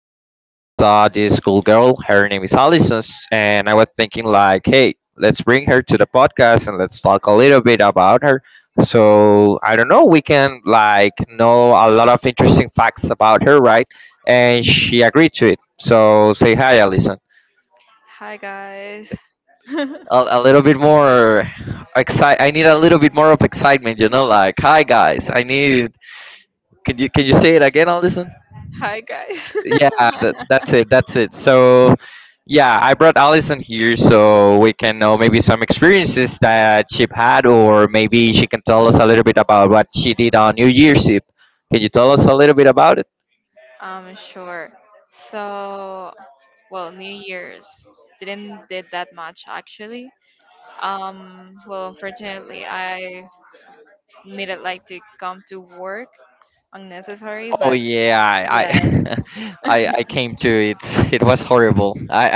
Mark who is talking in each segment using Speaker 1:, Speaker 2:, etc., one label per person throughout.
Speaker 1: and I saw this cool girl. Her name is Allison, and I was thinking, like, hey, let's bring her to the podcast and let's talk a little bit about her. So I don't know, we can like know a lot of interesting facts about her, right? And she agreed to it. So say hi, Allison.
Speaker 2: Hi guys.
Speaker 1: A little bit more excite. I need a little bit more of excitement, like, hi guys, I need. Can you say it again, Allison?
Speaker 2: Hi guys.
Speaker 1: Yeah, that, that's it. That's it. So, yeah, I brought Allison here so we can know maybe some experiences that she had, or maybe she can tell us a little bit about what she did on New Year's Eve. Can you tell us a little bit about it?
Speaker 2: Sure. So, well, New Year's didn't did that much, actually. Well, unfortunately I needed like to come to work unnecessary
Speaker 1: Oh
Speaker 2: but
Speaker 1: yeah, I
Speaker 2: yes.
Speaker 1: I came to it. It was horrible. I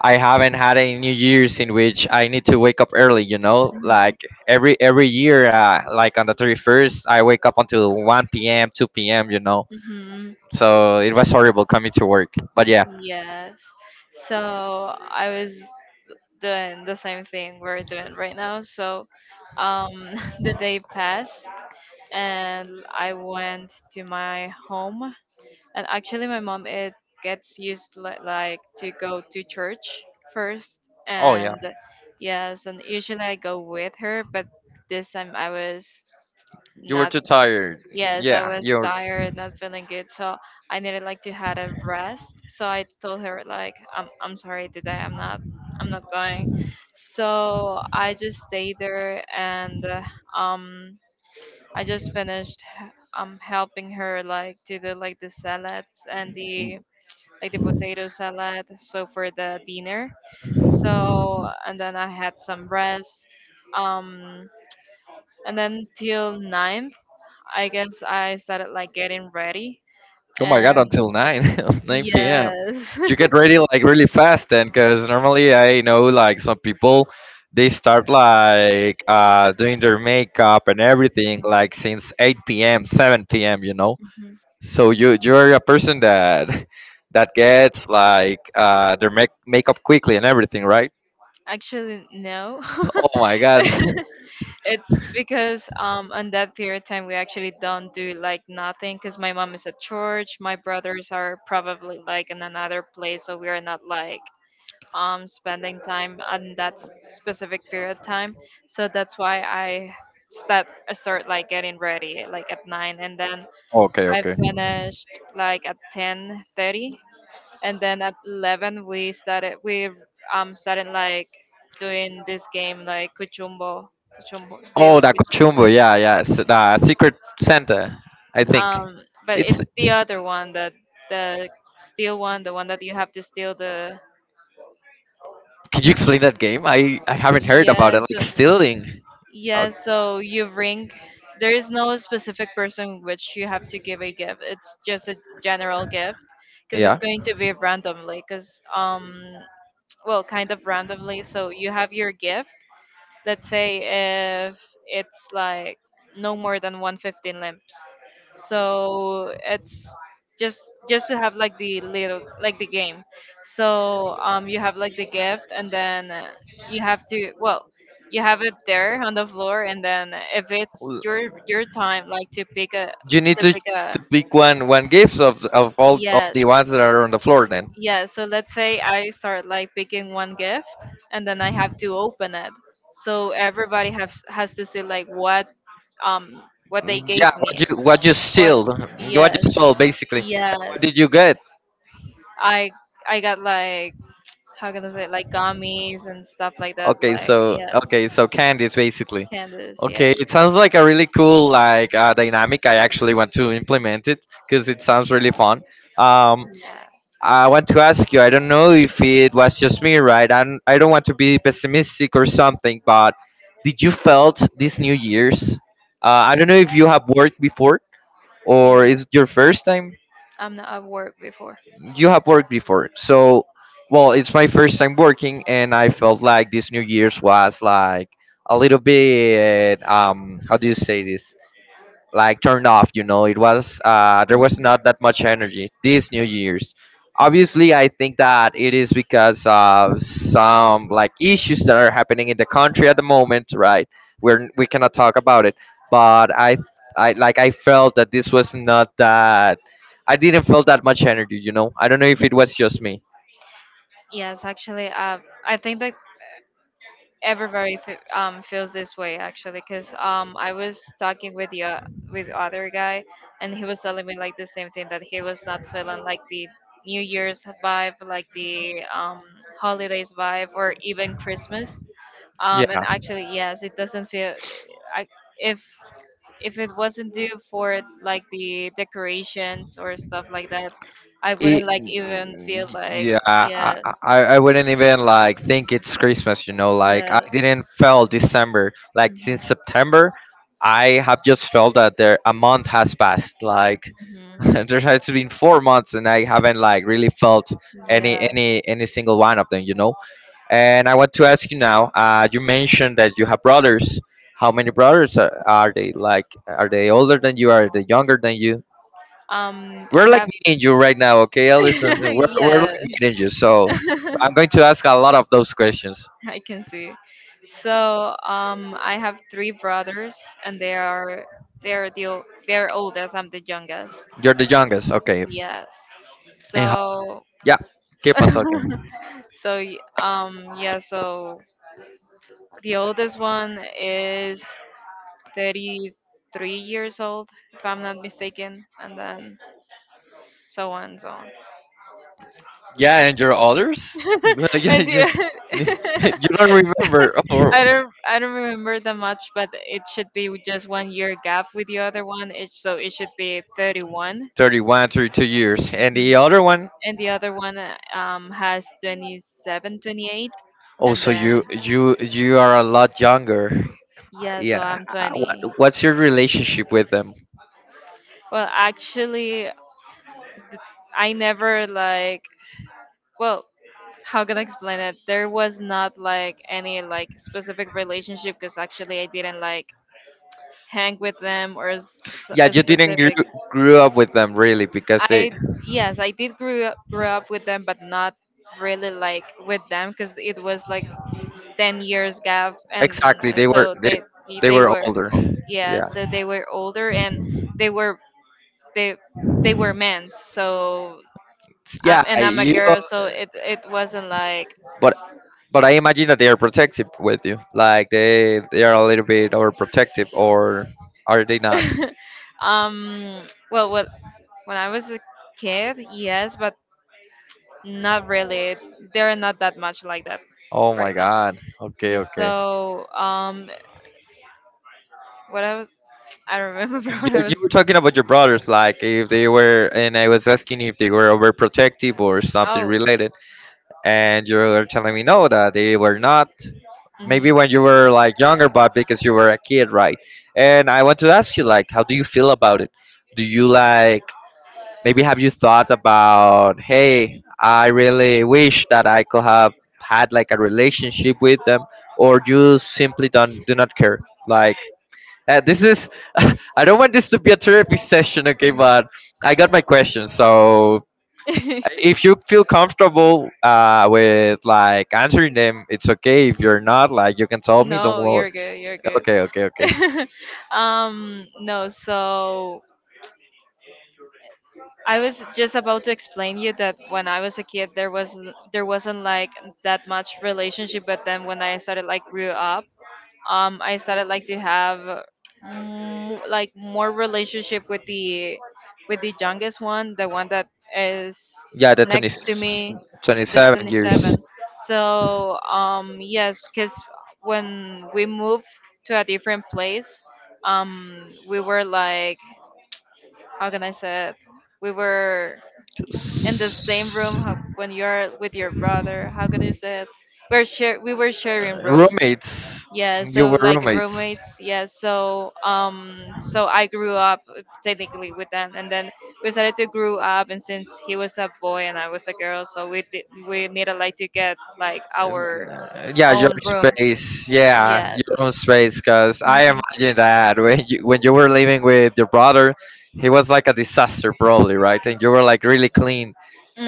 Speaker 1: I I haven't had a New Year's in which I need to wake up early. You know,
Speaker 2: Mhm.
Speaker 1: like every year, like on the 31st, I wake up until 1 p.m., 2 p.m. You know,
Speaker 2: Mhm.
Speaker 1: so it was horrible coming to work. But yeah.
Speaker 2: Yes. So I was doing the same thing we're doing right now. So um the day passed and I went to my home. And actually, my mom it gets used like to go to church first,
Speaker 1: Oh yeah,
Speaker 2: and yes, and usually I go with her, but this time I was
Speaker 1: you were
Speaker 2: not.
Speaker 1: too tired.
Speaker 2: Yes, I
Speaker 1: Yeah,
Speaker 2: was tired, not feeling good, so I needed like to had a rest. So I told her like, I'm sorry today, I'm not going. So I just stayed there and um I just finished helping her like to the like the salads and the like the potato salad so for the dinner. So and then I had some rest. Um
Speaker 1: you're.
Speaker 2: and then till ninth, I guess I started like getting ready.
Speaker 1: Oh my god,
Speaker 2: And
Speaker 1: until 9, 9 p.m.
Speaker 2: yes.
Speaker 1: You get ready like really fast then, because normally I know like some people they start like doing their makeup and everything like since 8 p.m., 7 p.m.
Speaker 2: Mhm.
Speaker 1: So you're a person that that gets like their makeup quickly and everything, right?
Speaker 2: Actually no.
Speaker 1: Oh my god.
Speaker 2: It's because on that period of time we actually don't do like nothing because my mom is at church, my brothers are probably like in another place, so we are not like spending time on that specific period of time. So that's why I start start like getting ready like at 9, and then
Speaker 1: Okay,
Speaker 2: I
Speaker 1: okay.
Speaker 2: finished like at 10:30, and then at 11 we started like doing this game like kuchumbo
Speaker 1: Oh,
Speaker 2: still.
Speaker 1: the Cochumbo, yeah, yeah, it's the secret center, I think.
Speaker 2: Um, but
Speaker 1: It's
Speaker 2: it's the other one, that the steel one, the one that you have to steal the
Speaker 1: Could you explain that game? I haven't heard about it.
Speaker 2: yes,
Speaker 1: Like stealing. Oh,
Speaker 2: yes. So you ring. There is no specific person which you have to give a gift. It's just a general gift because it's
Speaker 1: yeah.
Speaker 2: going to be randomly. Because well, kind of randomly. So you have your gift, let's say, if it's like no more than 115 limps, so it's just just to have like the little like the game. So you have like the gift and then you have to, well, you have it there on the floor, and then if it's your time like
Speaker 1: You
Speaker 2: to
Speaker 1: To
Speaker 2: pick a
Speaker 1: pick one gift of all of
Speaker 2: yes,
Speaker 1: the ones that are on the floor then. Yeah.
Speaker 2: yeah. So let's say I start like picking one gift and then I have to open it. So everybody has to say like um what they gave
Speaker 1: Yeah, what
Speaker 2: me.
Speaker 1: you what you
Speaker 2: What's
Speaker 1: steal, what
Speaker 2: Yes,
Speaker 1: you
Speaker 2: yes.
Speaker 1: what did you get?
Speaker 2: I I got like, how can I say, like gummies and stuff like that,
Speaker 1: Okay,
Speaker 2: like
Speaker 1: so
Speaker 2: yes.
Speaker 1: okay, so candies basically.
Speaker 2: Candies,
Speaker 1: Okay,
Speaker 2: yes.
Speaker 1: it sounds like a really cool like dynamic. I actually want to implement it because it sounds really fun. Um,
Speaker 2: Yes.
Speaker 1: I want to ask you. I don't know if it was just me, right? I'm, I don't want to be pessimistic or something, but did you felt this New Year's? I don't know if you have worked before or is it your first time
Speaker 2: I'm not at work before.
Speaker 1: you have worked before. So, well, it's my first time working, and I felt like this New Year's was like a little bit, how do you say this? Like turned off, it was there was
Speaker 2: Mhm.
Speaker 1: not that much energy this New Year's. Obviously, I think that it is because of some like issues that are happening in the country at the moment, right? We cannot talk about it, but I like I felt that this was not that I didn't feel that much energy, I don't know if it was just me.
Speaker 2: Yes, actually, I think that everybody feels this way, actually, because I was talking with you, with other guy, and he was telling me like the same thing, that he was not feeling like the new year's vibe, like the holidays vibe, or even Christmas. And actually yes, it doesn't feel I if if it wasn't due for it, like the decorations or stuff like that, I
Speaker 1: It,
Speaker 2: wouldn't like even feel like
Speaker 1: yeah, I,
Speaker 2: yes,
Speaker 1: I, I wouldn't even like think it's Christmas. Like I
Speaker 2: yes.
Speaker 1: didn't felt December. Like since September, I have just felt that there a month has passed. Like
Speaker 2: Mhm. Mhm.
Speaker 1: there has been 4 months, and I haven't like really felt any
Speaker 2: Yeah.
Speaker 1: any any single one of them. And I want to ask you now. You mentioned that you have brothers. How many brothers are they? Like, are they older than you? Are they younger than you? We're
Speaker 2: I
Speaker 1: like
Speaker 2: have
Speaker 1: me and you right now, okay, Allison? We're
Speaker 2: yeah,
Speaker 1: like me and you. So I'm going to ask a lot of those questions.
Speaker 2: I can see. So I have three brothers, and they are oldest. I'm the youngest.
Speaker 1: You're the youngest, okay.
Speaker 2: Yes.
Speaker 1: And how,
Speaker 2: So,
Speaker 1: yeah, keep on talking.
Speaker 2: so the oldest one is 33 years old, if I'm not mistaken, and then so on and so on.
Speaker 1: Yeah, and your others? Yeah,
Speaker 2: and
Speaker 1: you
Speaker 2: the,
Speaker 1: you don't remember. Oh,
Speaker 2: I don't remember that much, but it should be with just one year gap with the other one. It so it should be 31.
Speaker 1: 31, 32 years. And the
Speaker 2: Mhm.
Speaker 1: other one?
Speaker 2: And the other one has 27, 28,
Speaker 1: Oh,
Speaker 2: and
Speaker 1: so
Speaker 2: then
Speaker 1: you are a lot younger.
Speaker 2: yeah, so
Speaker 1: Yeah.
Speaker 2: I'm
Speaker 1: What,
Speaker 2: 20.
Speaker 1: what's your relationship with them?
Speaker 2: Well, actually, I never like, well, how can I explain it? There was not like any like specific relationship because actually I didn't like hang with them or
Speaker 1: Yeah,
Speaker 2: a
Speaker 1: you didn't grew,
Speaker 2: specific.
Speaker 1: grew up with them, really, because they.
Speaker 2: I Yes, I did grew up with them, but not really like with them because it was like 10 years gap, and
Speaker 1: Exactly. They were
Speaker 2: so
Speaker 1: they they
Speaker 2: they
Speaker 1: were
Speaker 2: were,
Speaker 1: older.
Speaker 2: yeah,
Speaker 1: Yeah.
Speaker 2: so they were older, and they were they they were men, so
Speaker 1: Yeah.
Speaker 2: and I'm a
Speaker 1: You.
Speaker 2: girl, so it wasn't like
Speaker 1: But I imagine that they are protective with you. Like they are a little bit overprotective, or are they not?
Speaker 2: Well, when I was a kid, yes, but not really. They're not that much like that
Speaker 1: Oh
Speaker 2: right
Speaker 1: my
Speaker 2: now.
Speaker 1: God. Okay.
Speaker 2: Ye-
Speaker 1: Okay.
Speaker 2: So um what I was I don't remember what I
Speaker 1: You
Speaker 2: was
Speaker 1: were talking about your brothers, like if they were, and I was asking if they were overprotective or something
Speaker 2: oh
Speaker 1: related, and you were telling me no, that they were not.
Speaker 2: mhm.
Speaker 1: Maybe when you were like younger, but because you were a kid, right? And I want to ask you, like, how do you feel about it? Do you like maybe have you thought about, hey, I really wish that I could have had like a relationship with them, or you simply don't, do not care? Like this is I don't want this to be a therapy session, okay? But I got my question. So if you feel comfortable with like answering them, it's okay. If you're not, like you can tell me. Don't
Speaker 2: No,
Speaker 1: worry.
Speaker 2: you're good, you're good.
Speaker 1: Okay, okay, okay.
Speaker 2: No, so I was just about to explain you that when I was a kid, there wasn't like that much relationship. But then when I started like grew up, I started like to have like more relationship with the youngest one, the one that is
Speaker 1: Yeah, the twenty
Speaker 2: next to me, the
Speaker 1: twenty-seven years.
Speaker 2: 27. So yes, because when we moved to a different place, we were like, how can I say it? We were in the same room, how, when you're with your brother, how can you say it? We were sharing rooms.
Speaker 1: Roommates.
Speaker 2: Yeah,
Speaker 1: You
Speaker 2: so
Speaker 1: were
Speaker 2: like
Speaker 1: roommates.
Speaker 2: roommates. Yeah, so so I grew up technically with them, and then we started to grow up. And since he was a boy and I was a girl, so we needed like to get like
Speaker 1: And,
Speaker 2: our
Speaker 1: yeah, your
Speaker 2: own room.
Speaker 1: space. Yeah,
Speaker 2: Yes.
Speaker 1: your own space. Cause I
Speaker 2: Mhm.
Speaker 1: imagine that when you were living with your brother, he was like a disaster probably, right? And you were like really clean,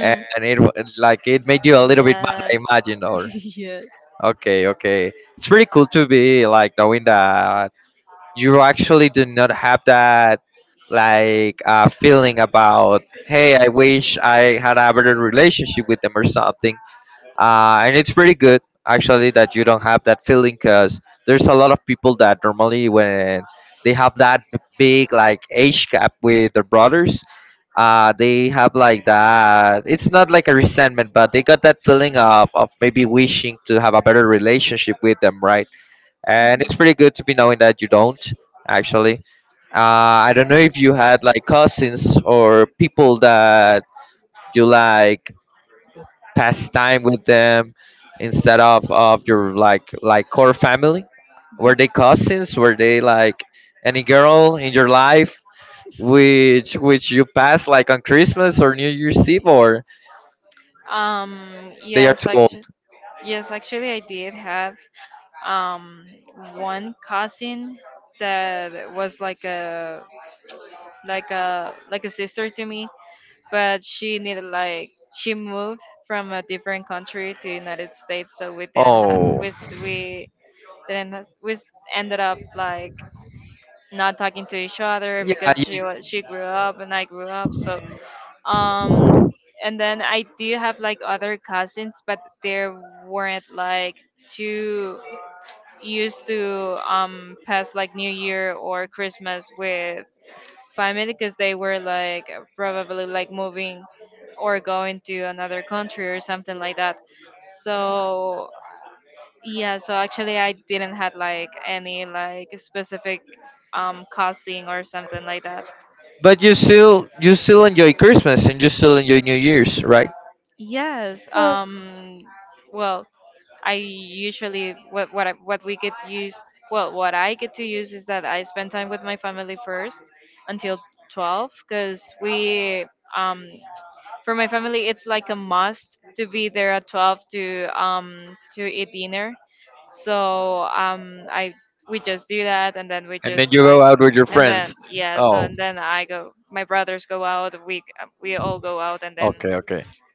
Speaker 1: and it wa- like it made you a little bit mad. I
Speaker 2: Yes.
Speaker 1: imagine, or
Speaker 2: yes. Mhm.
Speaker 1: okay, okay. It's pretty cool to be like knowing that you actually do not have that like feeling about, hey, I wish I had a better relationship with them or something. And it's pretty good actually that you don't have that feeling, because there's a lot of people that normally when they have that big like age gap with their brothers, they have like that, it's not like a resentment, but they got that feeling of maybe wishing to have a better relationship with them, right? And it's pretty good to be knowing that you don't actually. I don't know if you had like cousins or people that you like pass time with them instead of your like core family. Were they cousins? Were they like any girl in your life which you pass like on Christmas or New Year's Eve, or they are
Speaker 2: Yes.
Speaker 1: too
Speaker 2: Like
Speaker 1: old?
Speaker 2: yes, actually, I did have um one cousin that was like a sister to me, but she needed like she moved from a different country to United States, so
Speaker 1: Oh.
Speaker 2: we didn't have- we s- ended up like not talking to each other
Speaker 1: Yeah,
Speaker 2: because she grew up and I grew up, so um and then I do have like other cousins, but there weren't like two used to pass like New Year or Christmas with family because they were like probably like moving or going to another country or something like that. So yeah, so actually I didn't had like any like specific cousin or something like that.
Speaker 1: but you still enjoy Christmas and you still enjoy New Year's, right?
Speaker 2: Yes. Well, I usually what I, what we get used, well, what I get to use is that I spend time with my family first until 12, because we um for my family it's like a must to be there at 12 to eat dinner. So I we just do that and then we
Speaker 1: And then
Speaker 2: just
Speaker 1: you go
Speaker 2: I
Speaker 1: out with your
Speaker 2: and
Speaker 1: friends.
Speaker 2: then yeah, so
Speaker 1: Oh,
Speaker 2: and then I go, my brothers go out, we all go out and then
Speaker 1: okay.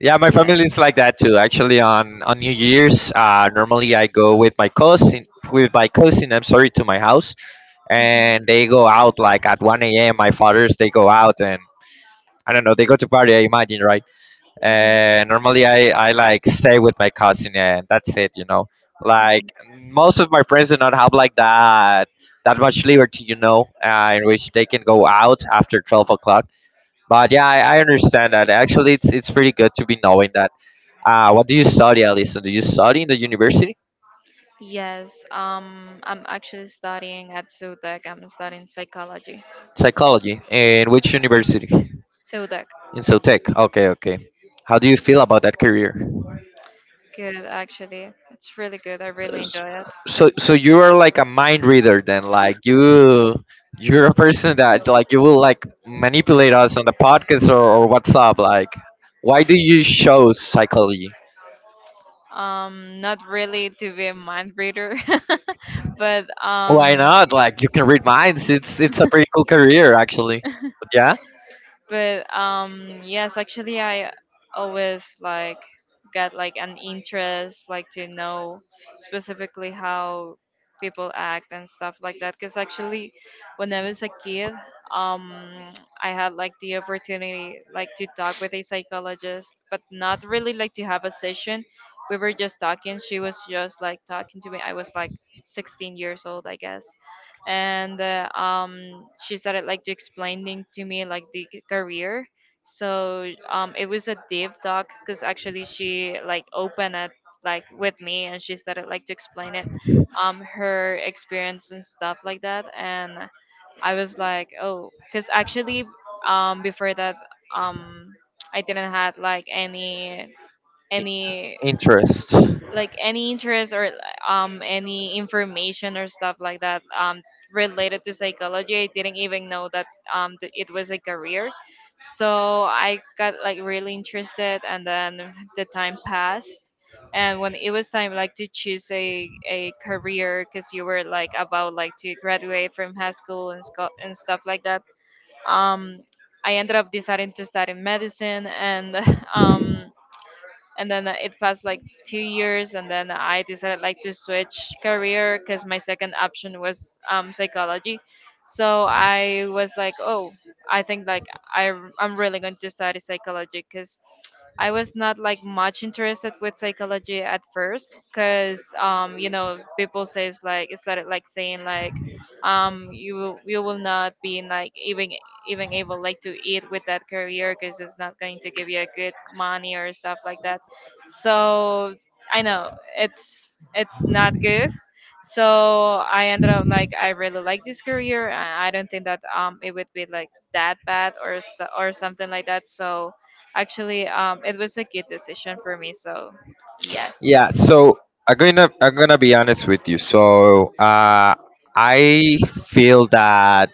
Speaker 1: Yeah, my family
Speaker 2: yes.
Speaker 1: is like that too. Actually, on New Year's, normally I go with my cousin. I'm sorry, to my house, and they go out like at 1 a.m. My fathers they go out and I don't know. They go to party. I imagine, right?
Speaker 2: Mhm.
Speaker 1: And normally I like stay with my cousin, and that's it you know
Speaker 2: Mhm.
Speaker 1: like most of my friends do not have like that much liberty, in which they can go out after 12 o'clock. But yeah, I understand that actually it's pretty good to be knowing that. What do you study, Alison? Do you study in the university?
Speaker 2: Yes, I'm actually studying at Zutec. I'm studying psychology.
Speaker 1: Psychology. In which university?
Speaker 2: Zutec,
Speaker 1: In Sotec. Okay, okay. How do you feel about that career?
Speaker 2: good, actually. It's really good. I really
Speaker 1: S-
Speaker 2: enjoy it.
Speaker 1: so you are like a mind reader then, like you're a person that like you will like manipulate us on the podcast, or what's up, like why do you show psychology?
Speaker 2: Not really to be a mind reader, but
Speaker 1: Why not? Like you can read minds. It's a pretty cool career actually. But
Speaker 2: but yes, actually, I always like get like an interest, like to know specifically how people act and stuff like that. Because actually, when I was a kid, um, I had like the opportunity like to talk with a psychologist, but not really like to have a session. We were just talking. She was just like talking to me. I was like
Speaker 1: yeah.
Speaker 2: 16 years old, I guess, and she started like to explaining to me like the career. So it was a deep talk because actually she like opened it like with me and she started like to explain it, her experience and stuff like that. And I was like, oh, because actually before that um, I didn't had like any like any interest or any information or stuff like that related to psychology. I didn't even know that it was a career. So I got like really interested, and then the time passed, and when it was time like to choose a career because you were like about like to graduate from high school, and, and stuff like that, um I ended up deciding to study medicine, and um and then it passed like 2 years, and then I decided like to switch career because my second option was psychology. So I was like, oh, I think like I'm really going to study psychology because I was not like much interested with psychology at first because people says, like, it started like saying like, you you will not be like even able like to eat with that career because it's not going to give you a good money or stuff like that, so I know it's not good. So I ended up like, I really like this career. I don't think that it would be like that bad or or something like that, so actually it was a good decision for me, so yes,
Speaker 1: Yeah, so I'm gonna be honest with you. So I feel that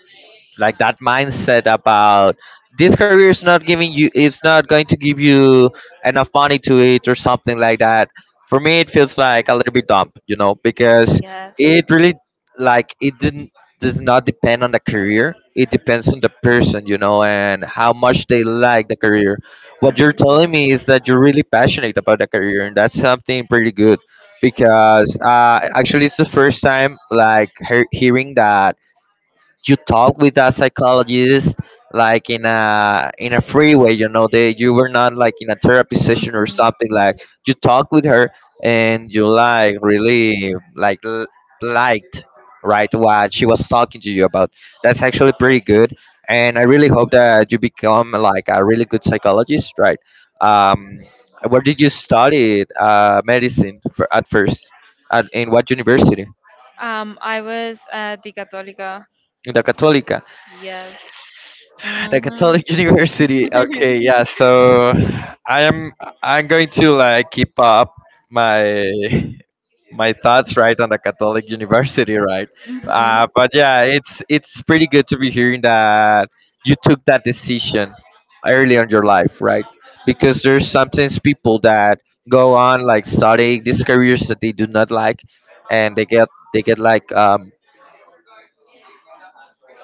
Speaker 1: like that mindset about this career is not giving you, it's not going to give you enough money to it or something like that. For me it feels like a little bit dumb, because
Speaker 2: yes.
Speaker 1: it really like, it didn't does not depend on the career, it depends on the person, and how much they like the career. What you're
Speaker 2: Mhm.
Speaker 1: telling me is that you're really passionate about the career, and that's something pretty good, because actually it's the first time like hearing that. You talk with that psychologist like in a free way, you know they you were not like in a therapy session or
Speaker 2: Mhm.
Speaker 1: something. Like you talk with her and you like really like liked, right, what she was talking to you about. That's actually pretty good, and I really hope that you become like a really good psychologist, right? um where did you study medicine for, at first in what university?
Speaker 2: I was at the católica.
Speaker 1: In the catolica.
Speaker 2: Yes.
Speaker 1: The
Speaker 2: Hmm.
Speaker 1: Catholic University. Okay, yeah. So I am I'm going to like keep up my my thoughts right on the Catholic University, right?
Speaker 2: Hmm.
Speaker 1: But yeah, it's pretty good to be hearing that you took that decision early on your life, right? Because there's sometimes people that go on like studying these careers that they do not like, and they get like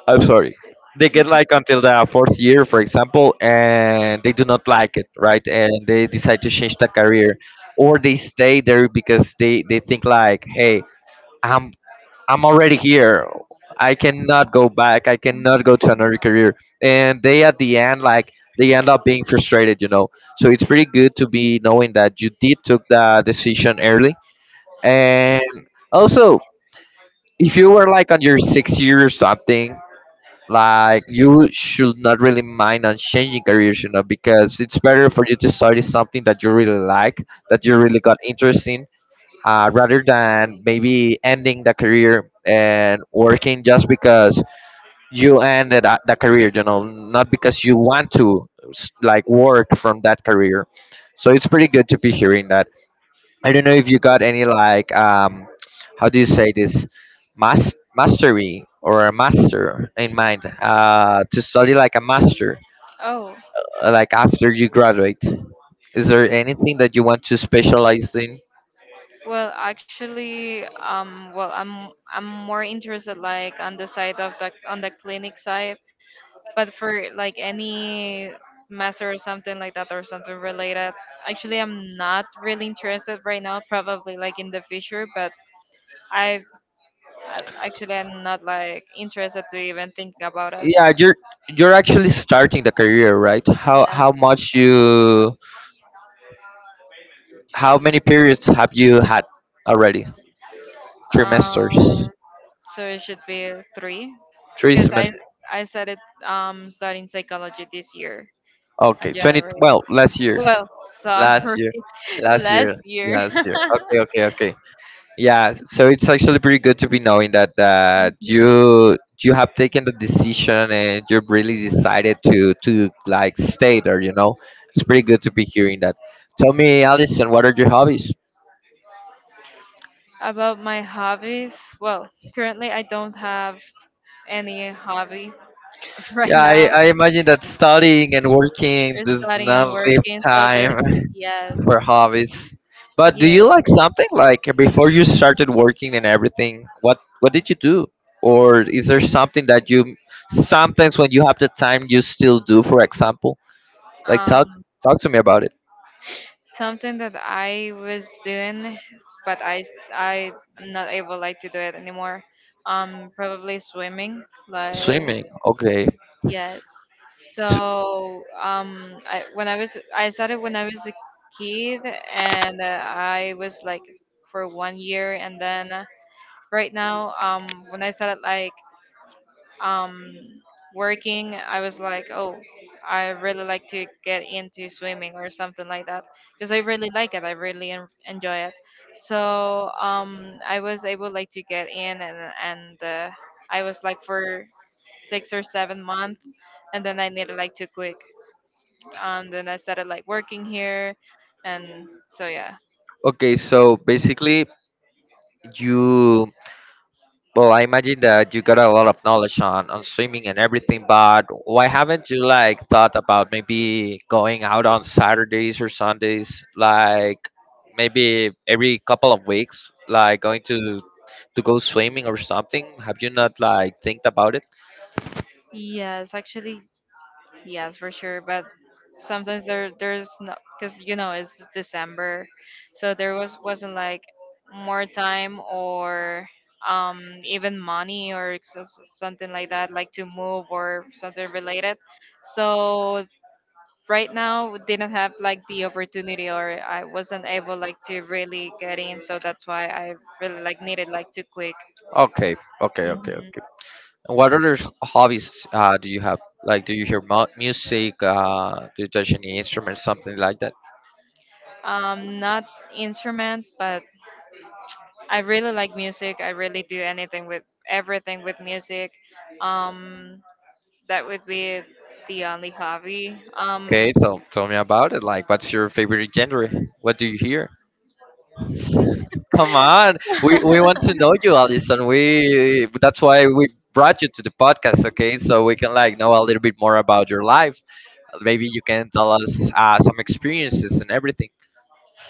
Speaker 1: I'm sorry. They get like until the fourth year, for example, and they do not like it, right? And they decide to change the career, or they stay there because they think like, hey, I'm I'm already here. I cannot go back. I cannot go to another career. And they at the end like they end up being frustrated. So it's pretty good to be knowing that you did took the decision early, and also if you were like on your sixth year or something like you should not really mind on changing careers, you know, because it's better for you to study something that you really like, that you
Speaker 2: Mm.
Speaker 1: really got interest in, rather than maybe ending the career and working just because you ended the career, you know, not because you want to like work from that career. So it's pretty good to be hearing that. I don't know if you got any like how do you say this mastery or a master in mind to study like a master,
Speaker 2: Oh,
Speaker 1: like after you graduate. Is there anything that you want to specialize in?
Speaker 2: well, actually, well, I'm more interested like on the side of the on the clinic side, but for like any master or something like that or something related, actually, I'm not really interested right now. Probably like in the future, but I actually I'm not like interested to even think about it.
Speaker 1: Yeah, you're actually starting the career, right? How
Speaker 2: Yes.
Speaker 1: much you, how many periods have you had already, trimesters,
Speaker 2: Um, so it should be three,
Speaker 1: three
Speaker 2: because I
Speaker 1: semesters?
Speaker 2: I started studying psychology this year. Okay.
Speaker 1: Okay,
Speaker 2: In
Speaker 1: 20,
Speaker 2: January.
Speaker 1: well, last year,
Speaker 2: Well,
Speaker 1: last
Speaker 2: sorry,
Speaker 1: year, last
Speaker 2: last
Speaker 1: year,
Speaker 2: year.
Speaker 1: last year. Okay, okay, okay. Yeah, so it's actually pretty good to be knowing that
Speaker 2: Mhm.
Speaker 1: that you
Speaker 2: So.
Speaker 1: you have taken the decision and you've really decided to like stay there. You know, it's pretty good to be hearing that. Tell me, Alison, what are your hobbies?
Speaker 2: About my hobbies, well, currently I don't have any hobby, right, Yeah,
Speaker 1: Yeah, I,
Speaker 2: now.
Speaker 1: I imagine that studying and working
Speaker 2: We're
Speaker 1: does
Speaker 2: studying and
Speaker 1: not leave
Speaker 2: working, so
Speaker 1: time
Speaker 2: there's no- yes,
Speaker 1: for hobbies. But do
Speaker 2: yes.
Speaker 1: you like something like before you started working and everything? What did you do? Or is there something that you sometimes when you have the time you still do? For example, like
Speaker 2: Um,
Speaker 1: talk to me about it.
Speaker 2: Something that I was doing, but I am not able like to do it anymore. Probably swimming. Like,
Speaker 1: Swimming. Okay.
Speaker 2: yes.
Speaker 1: S-
Speaker 2: So, I started when I was a kid, and I was like for 1 year, and then, right now, when I started like um, working, I was like, oh, I really like to get into swimming or something like that because I really like it. I really enjoy it. So, I was able like to get in, and I was like for 6 or 7 months, and then I needed like to quit. And then I started like working here, and so yeah.
Speaker 1: Okay. So basically, you, well, I imagine that you got a lot of knowledge on swimming and everything, but why haven't you like thought about maybe going out on Saturdays or Sundays, like maybe every couple of weeks, like going to go swimming or something? Have you not like think about it?
Speaker 2: Yes, actually, yes, for sure. But sometimes there's no because it's December, so there wasn't like more time or even money or something like that like to move or something related. So right now we didn't have like the opportunity, or I wasn't able like to really get in. So that's why I really like needed like to quick.
Speaker 1: Okay, okay, okay, okay.
Speaker 2: Hmm.
Speaker 1: And what other hobbies, do you have? Like, do you hear music? Do you touch any instruments, something like that?
Speaker 2: Not instrument, but I really like music. I really do anything with everything with music. Um, that would be the only hobby.
Speaker 1: Okay, so tell me about it. Like, what's your favorite genre? What do you hear? Come on, we want to know you, Alison. We, that's why we brought you to the podcast. Okay, so we can like know a little bit more about your life. Maybe you can tell us some experiences and everything.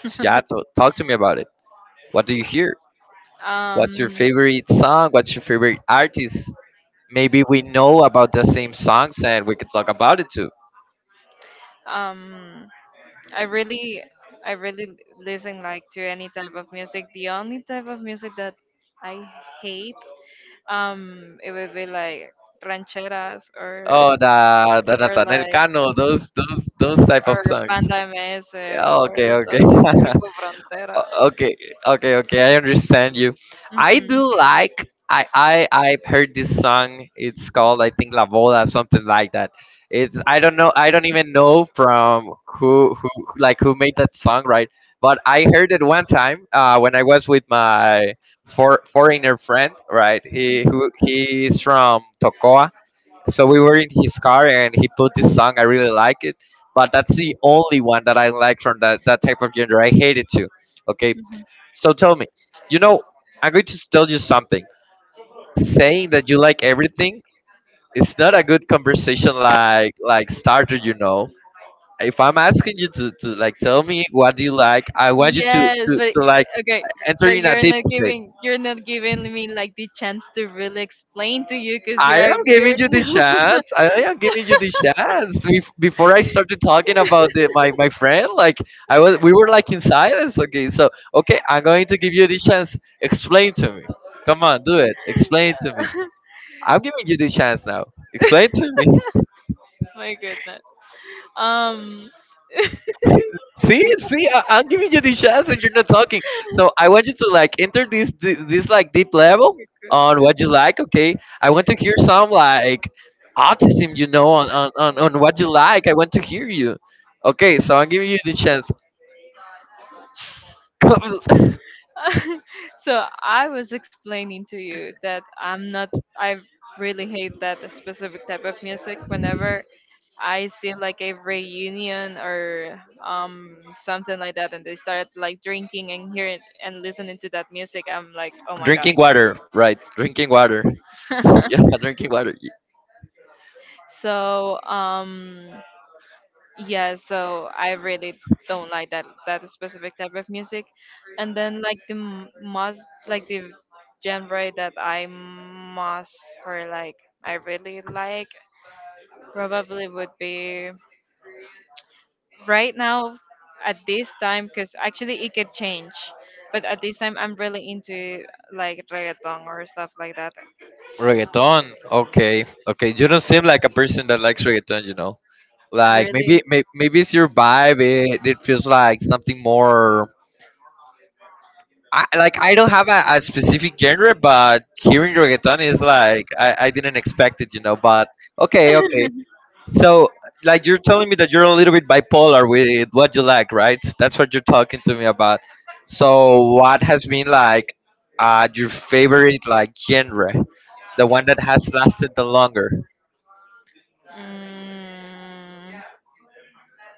Speaker 1: So, yeah, so talk to me about it. What do you hear?
Speaker 2: um,
Speaker 1: What's your favorite song? What's your favorite artist? Maybe we know about the same songs and we can talk about it.
Speaker 2: um, I really, I really listen like to any type of music. The only type of music that I hate, it would be like rancheras or
Speaker 1: Oh, the
Speaker 2: or
Speaker 1: Nathaniel
Speaker 2: like
Speaker 1: Cano, those type of
Speaker 2: or
Speaker 1: songs.
Speaker 2: banda MS
Speaker 1: Yeah,
Speaker 2: or
Speaker 1: okay,
Speaker 2: stuff
Speaker 1: okay.
Speaker 2: like Grupo Frontera.
Speaker 1: Okay, okay, okay. I understand you. I
Speaker 2: Mm-mm.
Speaker 1: do like. I've heard this song. It's called I think La Boda, something like that. It's, I don't know. I don't even know from who like who made that song, right? But I heard it one time when I was with my, foreigner friend, right?
Speaker 2: Mhm.
Speaker 1: He's from Tocoa, so we were in his car and he put this song. I really like it, but that's the only one that I like from that type of genre. I hate it too. Okay,
Speaker 2: Mhm.
Speaker 1: so tell me, you know, I'm going to tell you something. Saying that you like everything is not a good conversation like starter. You know, if I'm asking you to like tell me what do you like, I want you
Speaker 2: Yes, but
Speaker 1: to like
Speaker 2: okay,
Speaker 1: enter
Speaker 2: but
Speaker 1: in a deep state.
Speaker 2: you're not giving me like the chance to really explain to you because
Speaker 1: I
Speaker 2: you're
Speaker 1: am giving
Speaker 2: you're
Speaker 1: you the chance. I am giving you the chance. Before I started talking about my my friend, like I was, we were like in silence. Okay, so okay, I'm going to give you the chance. Explain to me. Come on, do it. Explain to me. I'm giving you the chance now. Explain to me.
Speaker 2: my goodness. Um,
Speaker 1: See, see, I'm giving you the chance and you're not talking. So I want you to like enter this like deep level on what you like. Okay, I want to hear some like autism, you know, on on what you like. I want to hear you. Okay, so I'm giving you the chance. Come.
Speaker 2: so I was explaining to you that I'm not I really hate that specific type of music whenever I seen like a reunion or something like that, and they started like drinking and hearing and listening to that music. I'm like, oh my god.
Speaker 1: Drinking water, right? Drinking water. Yeah, drinking water.
Speaker 2: So, yeah, so I really don't like that specific type of music. And then like the most like the genre that I must or like I really like probably would be right now at this time because actually it could change, but at this time I'm really into like reggaeton or stuff like that.
Speaker 1: Reggaeton. Okay, okay. You don't seem like a person that likes reggaeton. You know, like maybe
Speaker 2: Really.
Speaker 1: maybe it's your vibe. It feels like something more. Like I don't have a specific genre, but hearing reggaeton is like I didn't expect it. You know, but okay, okay. So like you're telling me that you're a little bit bipolar with what you like, right? That's what you're talking to me about. So what has been like your favorite like genre, the one that has lasted the longer?
Speaker 2: mm,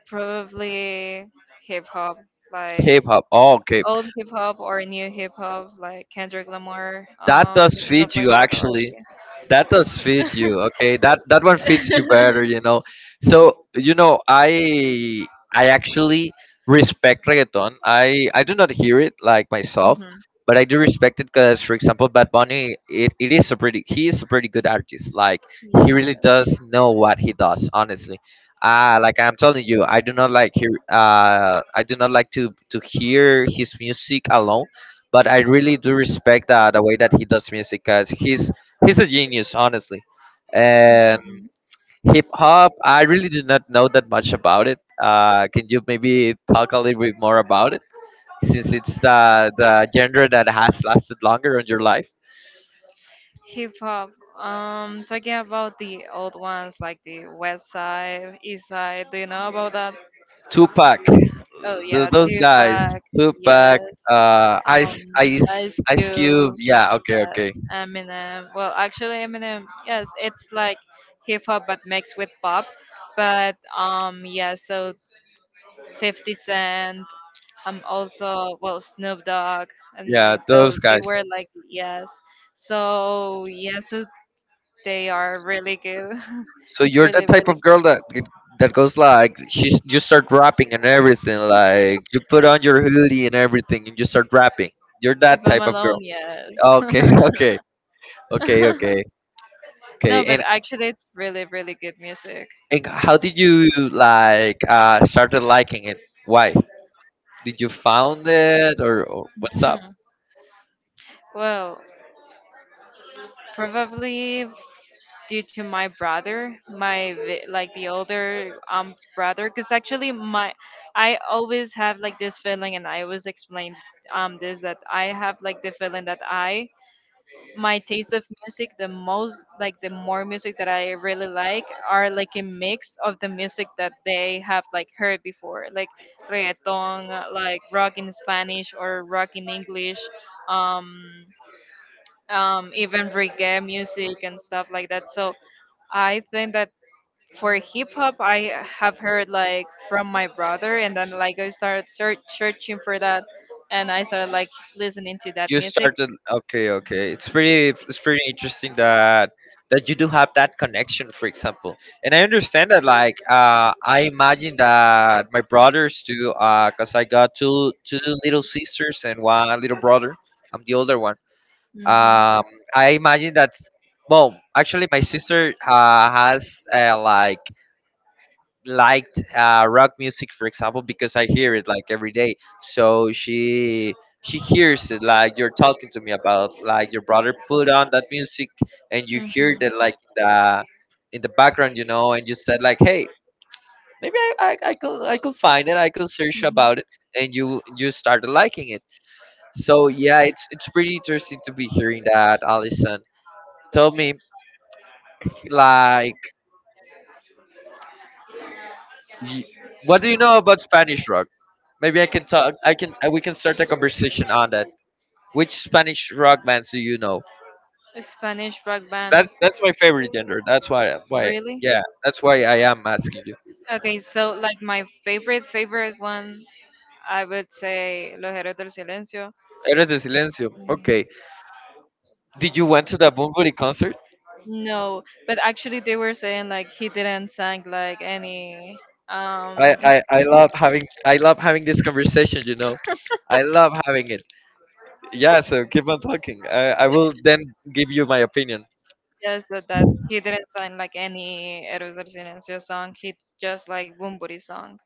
Speaker 2: Probably hip hop, like
Speaker 1: K-pop. Oh, okay.
Speaker 2: old hip hop or new hip hop, like Kendrick Lamar,
Speaker 1: That does
Speaker 2: stuff
Speaker 1: feed
Speaker 2: like
Speaker 1: you
Speaker 2: that, or yeah.
Speaker 1: actually. That does fit you, okay? That that one fits you better, you know. So you know, I actually respect reggaeton. I do not hear it like myself,
Speaker 2: Hmm.
Speaker 1: but I do respect it because, for example, Bad Bunny, it is a pretty he is a pretty good artist. Like he
Speaker 2: Yeah.
Speaker 1: really does know what he does, honestly. Like I'm telling you, I do not like hear I do not like to hear his music alone, but I really do respect the way that he does music because he's a genius, honestly. And
Speaker 2: Mhm.
Speaker 1: hip hop, I really did not know that much about it. Can you maybe talk a little bit more about it, since it's the genre that has lasted longer in your life?
Speaker 2: Hip hop. Talking about the old ones, like the West Side, East Side. Do you know about that?
Speaker 1: Tupac,
Speaker 2: Oh yeah,
Speaker 1: those guys,
Speaker 2: Tupac.
Speaker 1: Tupac,
Speaker 2: Yes. Um, Ice
Speaker 1: Ice Cube.
Speaker 2: Cube.
Speaker 1: Yeah, okay,
Speaker 2: Yes.
Speaker 1: okay.
Speaker 2: Eminem. Well, actually, Eminem. Yes, it's like hip hop but mixed with pop. But yeah. So 50 Cent. Also, well, Snoop Dogg and,
Speaker 1: Yeah,
Speaker 2: those.
Speaker 1: those
Speaker 2: They
Speaker 1: guys.
Speaker 2: were like yes. So yeah. So they are really good.
Speaker 1: So you're
Speaker 2: Really,
Speaker 1: that type
Speaker 2: really
Speaker 1: of girl
Speaker 2: good.
Speaker 1: that that goes like she's, you start rapping and everything. Like you put on your hoodie and everything and you start rapping. You're
Speaker 2: If
Speaker 1: that
Speaker 2: I'm
Speaker 1: type of
Speaker 2: alone,
Speaker 1: girl.
Speaker 2: yes.
Speaker 1: Okay, okay, okay, okay,
Speaker 2: No,
Speaker 1: okay.
Speaker 2: but actually, it's really, really good music.
Speaker 1: And how did you like started liking it? Why did you found it, or what's up?
Speaker 2: Hmm. Well, probably due to my brother, my like the older brother, because actually my I always have like this feeling, and I always explain this that I have like the feeling that I my taste of music, the most like the more music that I really like, are like a mix of the music that they have like heard before, like reggaeton, like rock in Spanish or rock in English, um even reggae music and stuff like that. So I think that for hip hop I have heard like from my brother, and then like I started searching for that, and I started like listening to that
Speaker 1: You
Speaker 2: music.
Speaker 1: started, okay, okay, it's pretty, it's pretty interesting that that you do have that connection, for example, and I understand that like I imagine that my brothers too, because I got two little sisters and one little brother. I'm the older one.
Speaker 2: Mm-hmm.
Speaker 1: Um, I imagine that, well, actually my sister has, like liked, rock music, for example, because I hear it like every day. So she hears it like you're talking to me about, like your brother put on that music and you hear that like in the background, you know, and you said like, hey, maybe I could, I could find it, I could search about it,
Speaker 2: It.
Speaker 1: and you started liking it. So yeah, it's pretty interesting to be hearing that, Allison. Tell me, like, Ye- what do you know about Spanish rock? Maybe I can talk. I can. We can start a conversation on that. Which Spanish rock bands do you know?
Speaker 2: Spanish rock band.
Speaker 1: That's my favorite genre. That's why.
Speaker 2: Brought it.
Speaker 1: Why?
Speaker 2: Really?
Speaker 1: Yeah. That's why I am asking you.
Speaker 2: Yeah. Okay, so like my favorite favorite one, I would say Los Héroes del Silencio.
Speaker 1: Eres de Silencio. Okay. Did you went to the Bunbury concert?
Speaker 2: No, but actually they were saying like he didn't sang like any. um
Speaker 1: I love having, I love having this conversation. You know, I love having it. Yeah. So keep on talking. I will then give you my opinion.
Speaker 2: Yes, that he didn't sign like any Eros del Silencio song. He just like Bumburi song.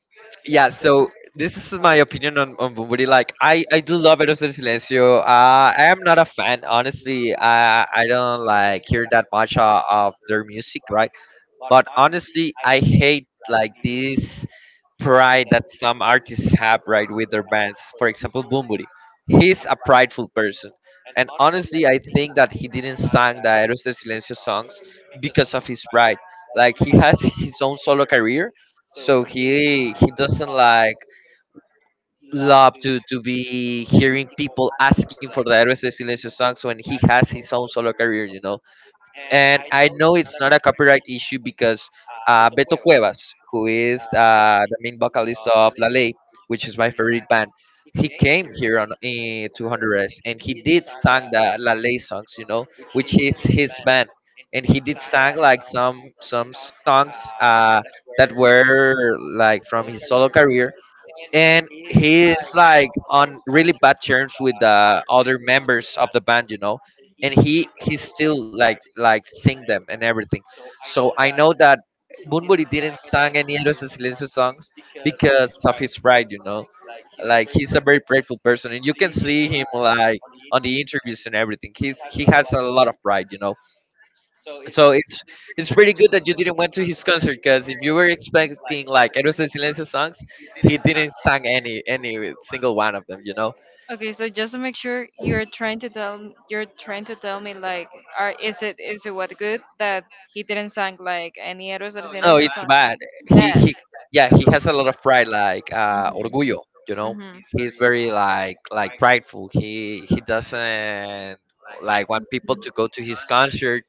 Speaker 1: Yeah, so this is my opinion on Bumburi. Like, I do love Eros del Silencio. I am not a fan, honestly. I don't like hear that much of their music, right? But honestly, I hate like this pride that some artists have right with their bands. For example, Bumburi. He's a prideful person. And honestly, I think that he didn't sang the Aeros de Silencio songs because of his pride. Like he has his own solo career, so he doesn't like love to be hearing people asking for the Aeros de Silencio songs when he has his own solo career. And I know it's not a copyright issue because Beto Cuevas, who is the main vocalist of La Ley, which is my favorite band, he came here on to Honduras and he did sang the La Ley songs, you know, which is his band, and he did sang like some songs that were like from his solo career, and he is like on really bad terms with the other members of the band. And he still like sing them and everything, so I know that bunburi didn't sing any Héroes del Silencio songs because of his pride. Like he's a very prideful person and you can see him like on the interviews and everything, he has a lot of pride. So it's pretty good that you didn't went to his concert, because if you were expecting like Eros de Silencio songs, he didn't sang any single one of them. You know?
Speaker 2: Okay, so just to make sure, you're trying to tell me like, are is it what good that he didn't sign like any Eros del, no,
Speaker 1: Oh,
Speaker 2: Silencio
Speaker 1: it's
Speaker 2: song?
Speaker 1: bad. He
Speaker 2: Bad.
Speaker 1: he yeah, he has a lot of pride like
Speaker 2: Mhm.
Speaker 1: orgullo. You know?
Speaker 2: Mhm.
Speaker 1: He's very like prideful. He doesn't like want people to go to his concert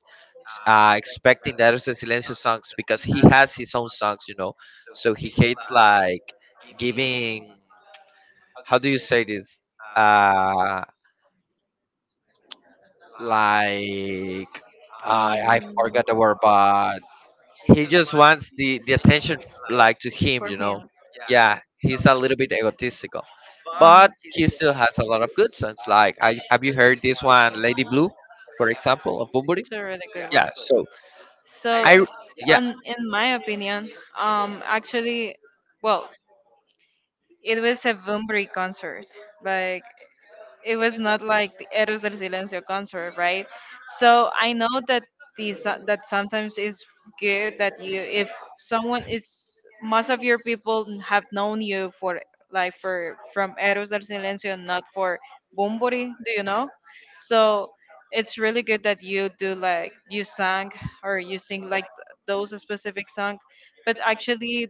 Speaker 1: expecting the Eros de Silencio songs because he has his own songs. You know? So he hates like giving. How do you say this? Uh, like I
Speaker 2: Mm.
Speaker 1: forgot the word, but he just wants the attention like to him,
Speaker 2: For
Speaker 1: you know.
Speaker 2: him.
Speaker 1: Yeah, he's a little bit egotistical, but
Speaker 2: Mhm.
Speaker 1: he still has a lot of good songs. Like I have you heard this one, Lady Blue, for example, of Bumburi?
Speaker 2: It's a really good one.
Speaker 1: Yeah. So
Speaker 2: So,
Speaker 1: I yeah,
Speaker 2: on in my opinion, actually, well, it was a Bunbury concert. Like, it was not like the Eros del Silencio concert, right? So I know that these that sometimes is good that you, if someone is, most of your people have known you for like for from Eros del Silencio and not for Bumburi, do you know? So it's really good that you do, like you sang or you sing like, those specific song, but actually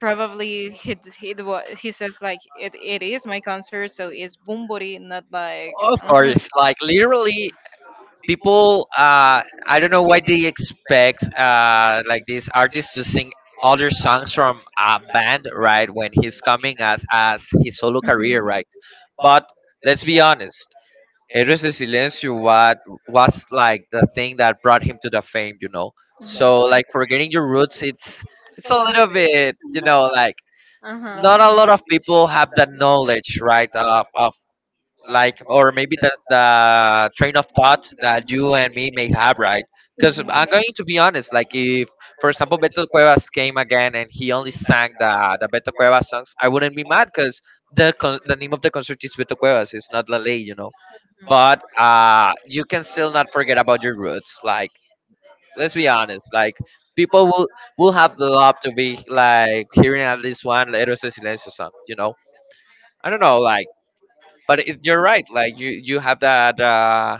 Speaker 2: probably he says like it, is my concert, so it's Bumburi, not like.
Speaker 1: of
Speaker 2: Mhm, mhm, uh-huh.
Speaker 1: course. Like literally, people I don't know why they expect like these artists to sing other songs from a band, right, when he's coming as his solo
Speaker 2: Mhm.
Speaker 1: career, right? But let's be honest, Héroes de Silencio what was like the thing that brought him to the fame, you know, so like forgetting your roots, it's a little bit, you know, like not a lot of people have that knowledge, right, of like, or maybe the train of thought that you and me may have, right? Because I'm going to be honest, like if, for example, Beto Cuevas came again and he only sang the Beto Cuevas songs, I wouldn't be mad, because the name of the concert is Beto Cuevas, it's not Lale, you know. But you can still not forget about your roots, like let's be honest, like people will have the love to be like hearing at least one Héroes de Silencio song, you know. I don't know, like, but it, you're right, like you have that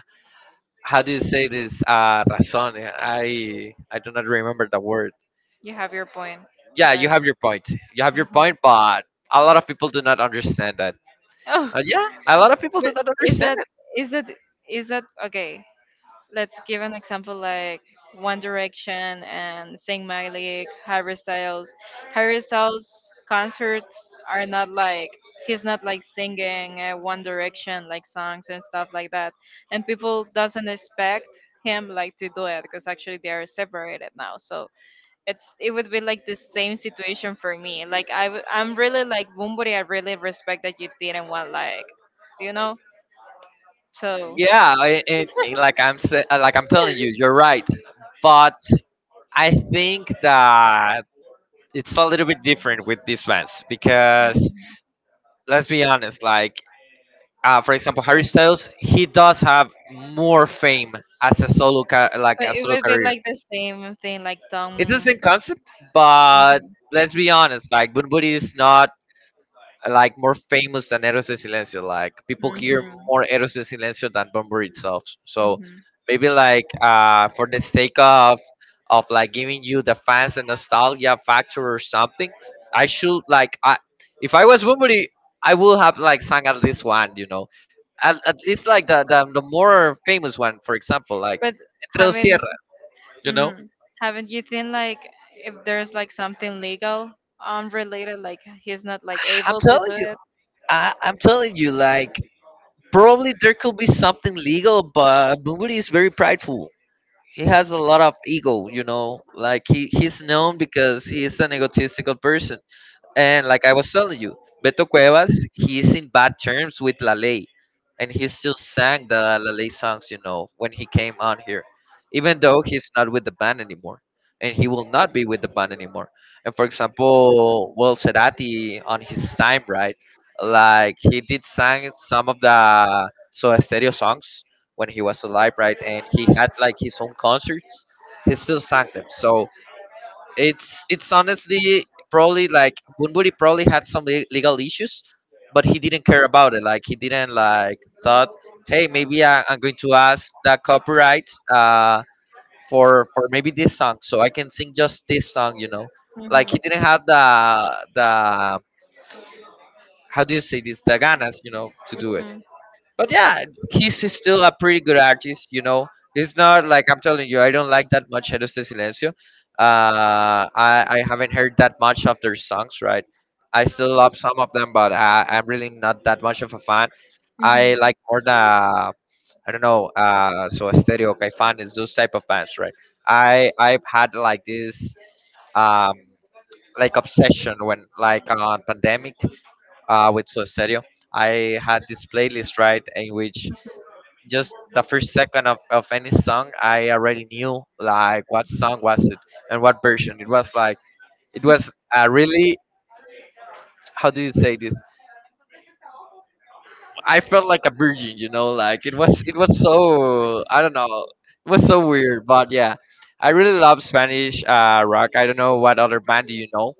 Speaker 1: how do you say this, razón, I do not remember the word.
Speaker 2: You have your point.
Speaker 1: Yeah, you
Speaker 2: Like,
Speaker 1: have your point. You have your
Speaker 2: mhm.
Speaker 1: point, but a lot of people do not understand that.
Speaker 2: Oh,
Speaker 1: Yeah, a lot of people
Speaker 2: but
Speaker 1: do not
Speaker 2: is
Speaker 1: understand
Speaker 2: that
Speaker 1: it.
Speaker 2: is that is that okay? Let's give an example like One Direction and Saint Malik, Harry Styles. Harry Styles concerts are not like, singing, One Direction like songs and stuff like that, and people doesn't expect him like to do it because actually they are separated now. So it would be like the same situation for me. Like I'm really like Bumburi. I really respect that you didn't want, like you know. So,
Speaker 1: Yeah, like like I'm telling you, you're right, but I think that it's a little bit different with these fans because let's be honest, like for example, Harry Styles, he does have more fame as a like
Speaker 2: but
Speaker 1: a
Speaker 2: it
Speaker 1: solo
Speaker 2: would be
Speaker 1: career.
Speaker 2: like the same thing, like Tom.
Speaker 1: It's the
Speaker 2: Mhm.
Speaker 1: same concept, but let's be honest, like Bunbury is not like more famous than Eros de Silencio. Like people hear more Eros de Silencio than Bumper itself. So
Speaker 2: Mhm.
Speaker 1: maybe like for the sake of like giving you the fans a nostalgia factor or something, I should like I, if I was Bunbury, I would have like sung at least one, you know. At least like the more famous one, for example, like
Speaker 2: But
Speaker 1: Entre dos
Speaker 2: haven't
Speaker 1: Tierras, you know?
Speaker 2: mm, haven't you think like, if there's like something legal related, like he's not like
Speaker 1: I'm
Speaker 2: able to do
Speaker 1: telling you,
Speaker 2: it?
Speaker 1: I'm telling you, like probably there could be something legal, but Bunbury is very prideful. He has a lot of ego, you know, like he's known because he is an egotistical person. And like I was telling you, Beto Cuevas, he's in bad terms with La Ley, and he still sang the La Ley songs, you know, when he came on here, even though he's not with the band anymore, and he will not be with the band anymore. And for example, Will Cerati on his time, right? Like he did sang some of the Soda Stereo songs when he was alive, right? And he had like his own concerts. He still sang them, so it's honestly probably like Bunbury probably had some legal issues, but he didn't care about it. Like he didn't like thought, hey, maybe I'm going to ask that copyright for maybe this song, so I can sing just this song. You know, like he
Speaker 2: Mhm.
Speaker 1: didn't have the how do you say this, the ganas, you know, to do it. But yeah, he's still a pretty good artist, you know. It's not like I'm telling you, I don't like that much Héroes de Silencio. I haven't heard that much of their songs, right? I still love some of them, but I'm really not that much of a fan.
Speaker 2: Mhm.
Speaker 1: I
Speaker 2: Mhm.
Speaker 1: like more I don't know, So Stereo, Caifanes, those type of bands, right? I've had like this, um, like obsession when, like on pandemic, with So Stereo. I had this playlist, right, in which just the first second of any song I already knew like what song was it and what version it was. Like it was really, how do you say this, I felt like a virgin, you know, like it was so, I don't know, it was so weird. But yeah, I really love Spanish rock. I don't know what other band do you know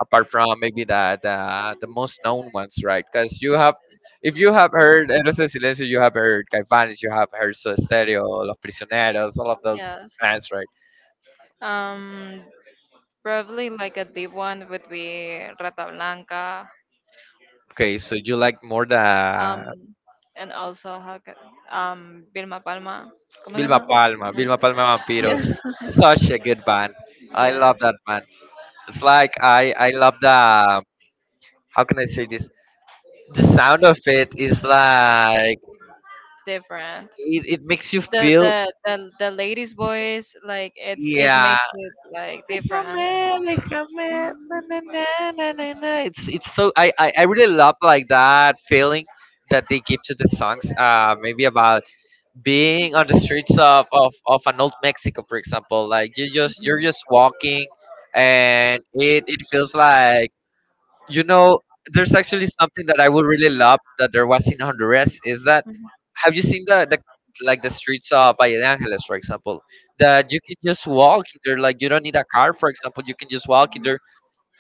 Speaker 1: apart from maybe the most known ones, right? Because you have, if you have heard Héroes del Silencio, you have heard Caifanes, you have heard Soda Stereo, Los Prisioneros, all of those
Speaker 2: Yes.
Speaker 1: bands, right?
Speaker 2: Um, Probably like a deep one would be Rata Blanca,
Speaker 1: Okay, so you like more
Speaker 2: um,
Speaker 1: the
Speaker 2: and also how Vilma Palma. ¿Cómo se
Speaker 1: Vilma
Speaker 2: llama?
Speaker 1: Palma,
Speaker 2: No.
Speaker 1: Vilma Palma Vampiros.
Speaker 2: Yeah.
Speaker 1: Such a good band. I love
Speaker 2: Yes,
Speaker 1: that band. It's like I love the, how can I say this? The sound of it is like,
Speaker 2: different.
Speaker 1: it makes you
Speaker 2: The
Speaker 1: feel,
Speaker 2: the the the lady's voice, like it
Speaker 1: yeah,
Speaker 2: makes it like
Speaker 1: like a
Speaker 2: different.
Speaker 1: man, like na
Speaker 2: Mhm.
Speaker 1: na na na na na. It's so, I really love like that feeling that they give to the songs. Maybe about being on the streets of an old Mexico, for example. Like you just you're just walking, and it feels like, you know, there's actually something that I would really love that there was in Honduras. Is that
Speaker 2: Mhm.
Speaker 1: have you seen the like the streets of Valle de Angeles, for example, that you can just walk in there. Like you don't need a car, for example, you can just walk in there.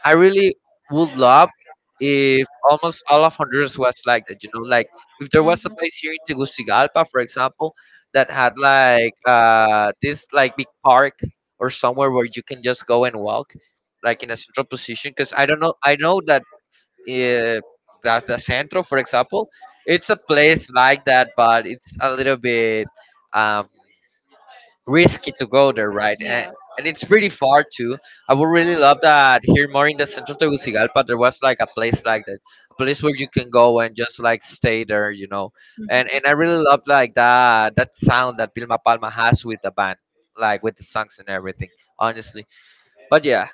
Speaker 1: I really would love if almost all of Honduras was like that. You know, like if there
Speaker 2: Mhm.
Speaker 1: was a
Speaker 2: Mhm.
Speaker 1: place here in Tegucigalpa, for example, that had like this like big park or somewhere where you can just go and walk, like in a central position. Because I don't know, I know that yeah, that's the centro, for example, it's a place like that, but it's a little bit um, risky to go there, right, and,
Speaker 2: Yeah.
Speaker 1: and it's pretty far too. I would really love that here more in the centro Tegucigalpa there was like a place like that, a place where you can go and just like stay there, you know. And I really love like that sound that Vilma Palma has with the band, like with the songs and everything, honestly. But yeah,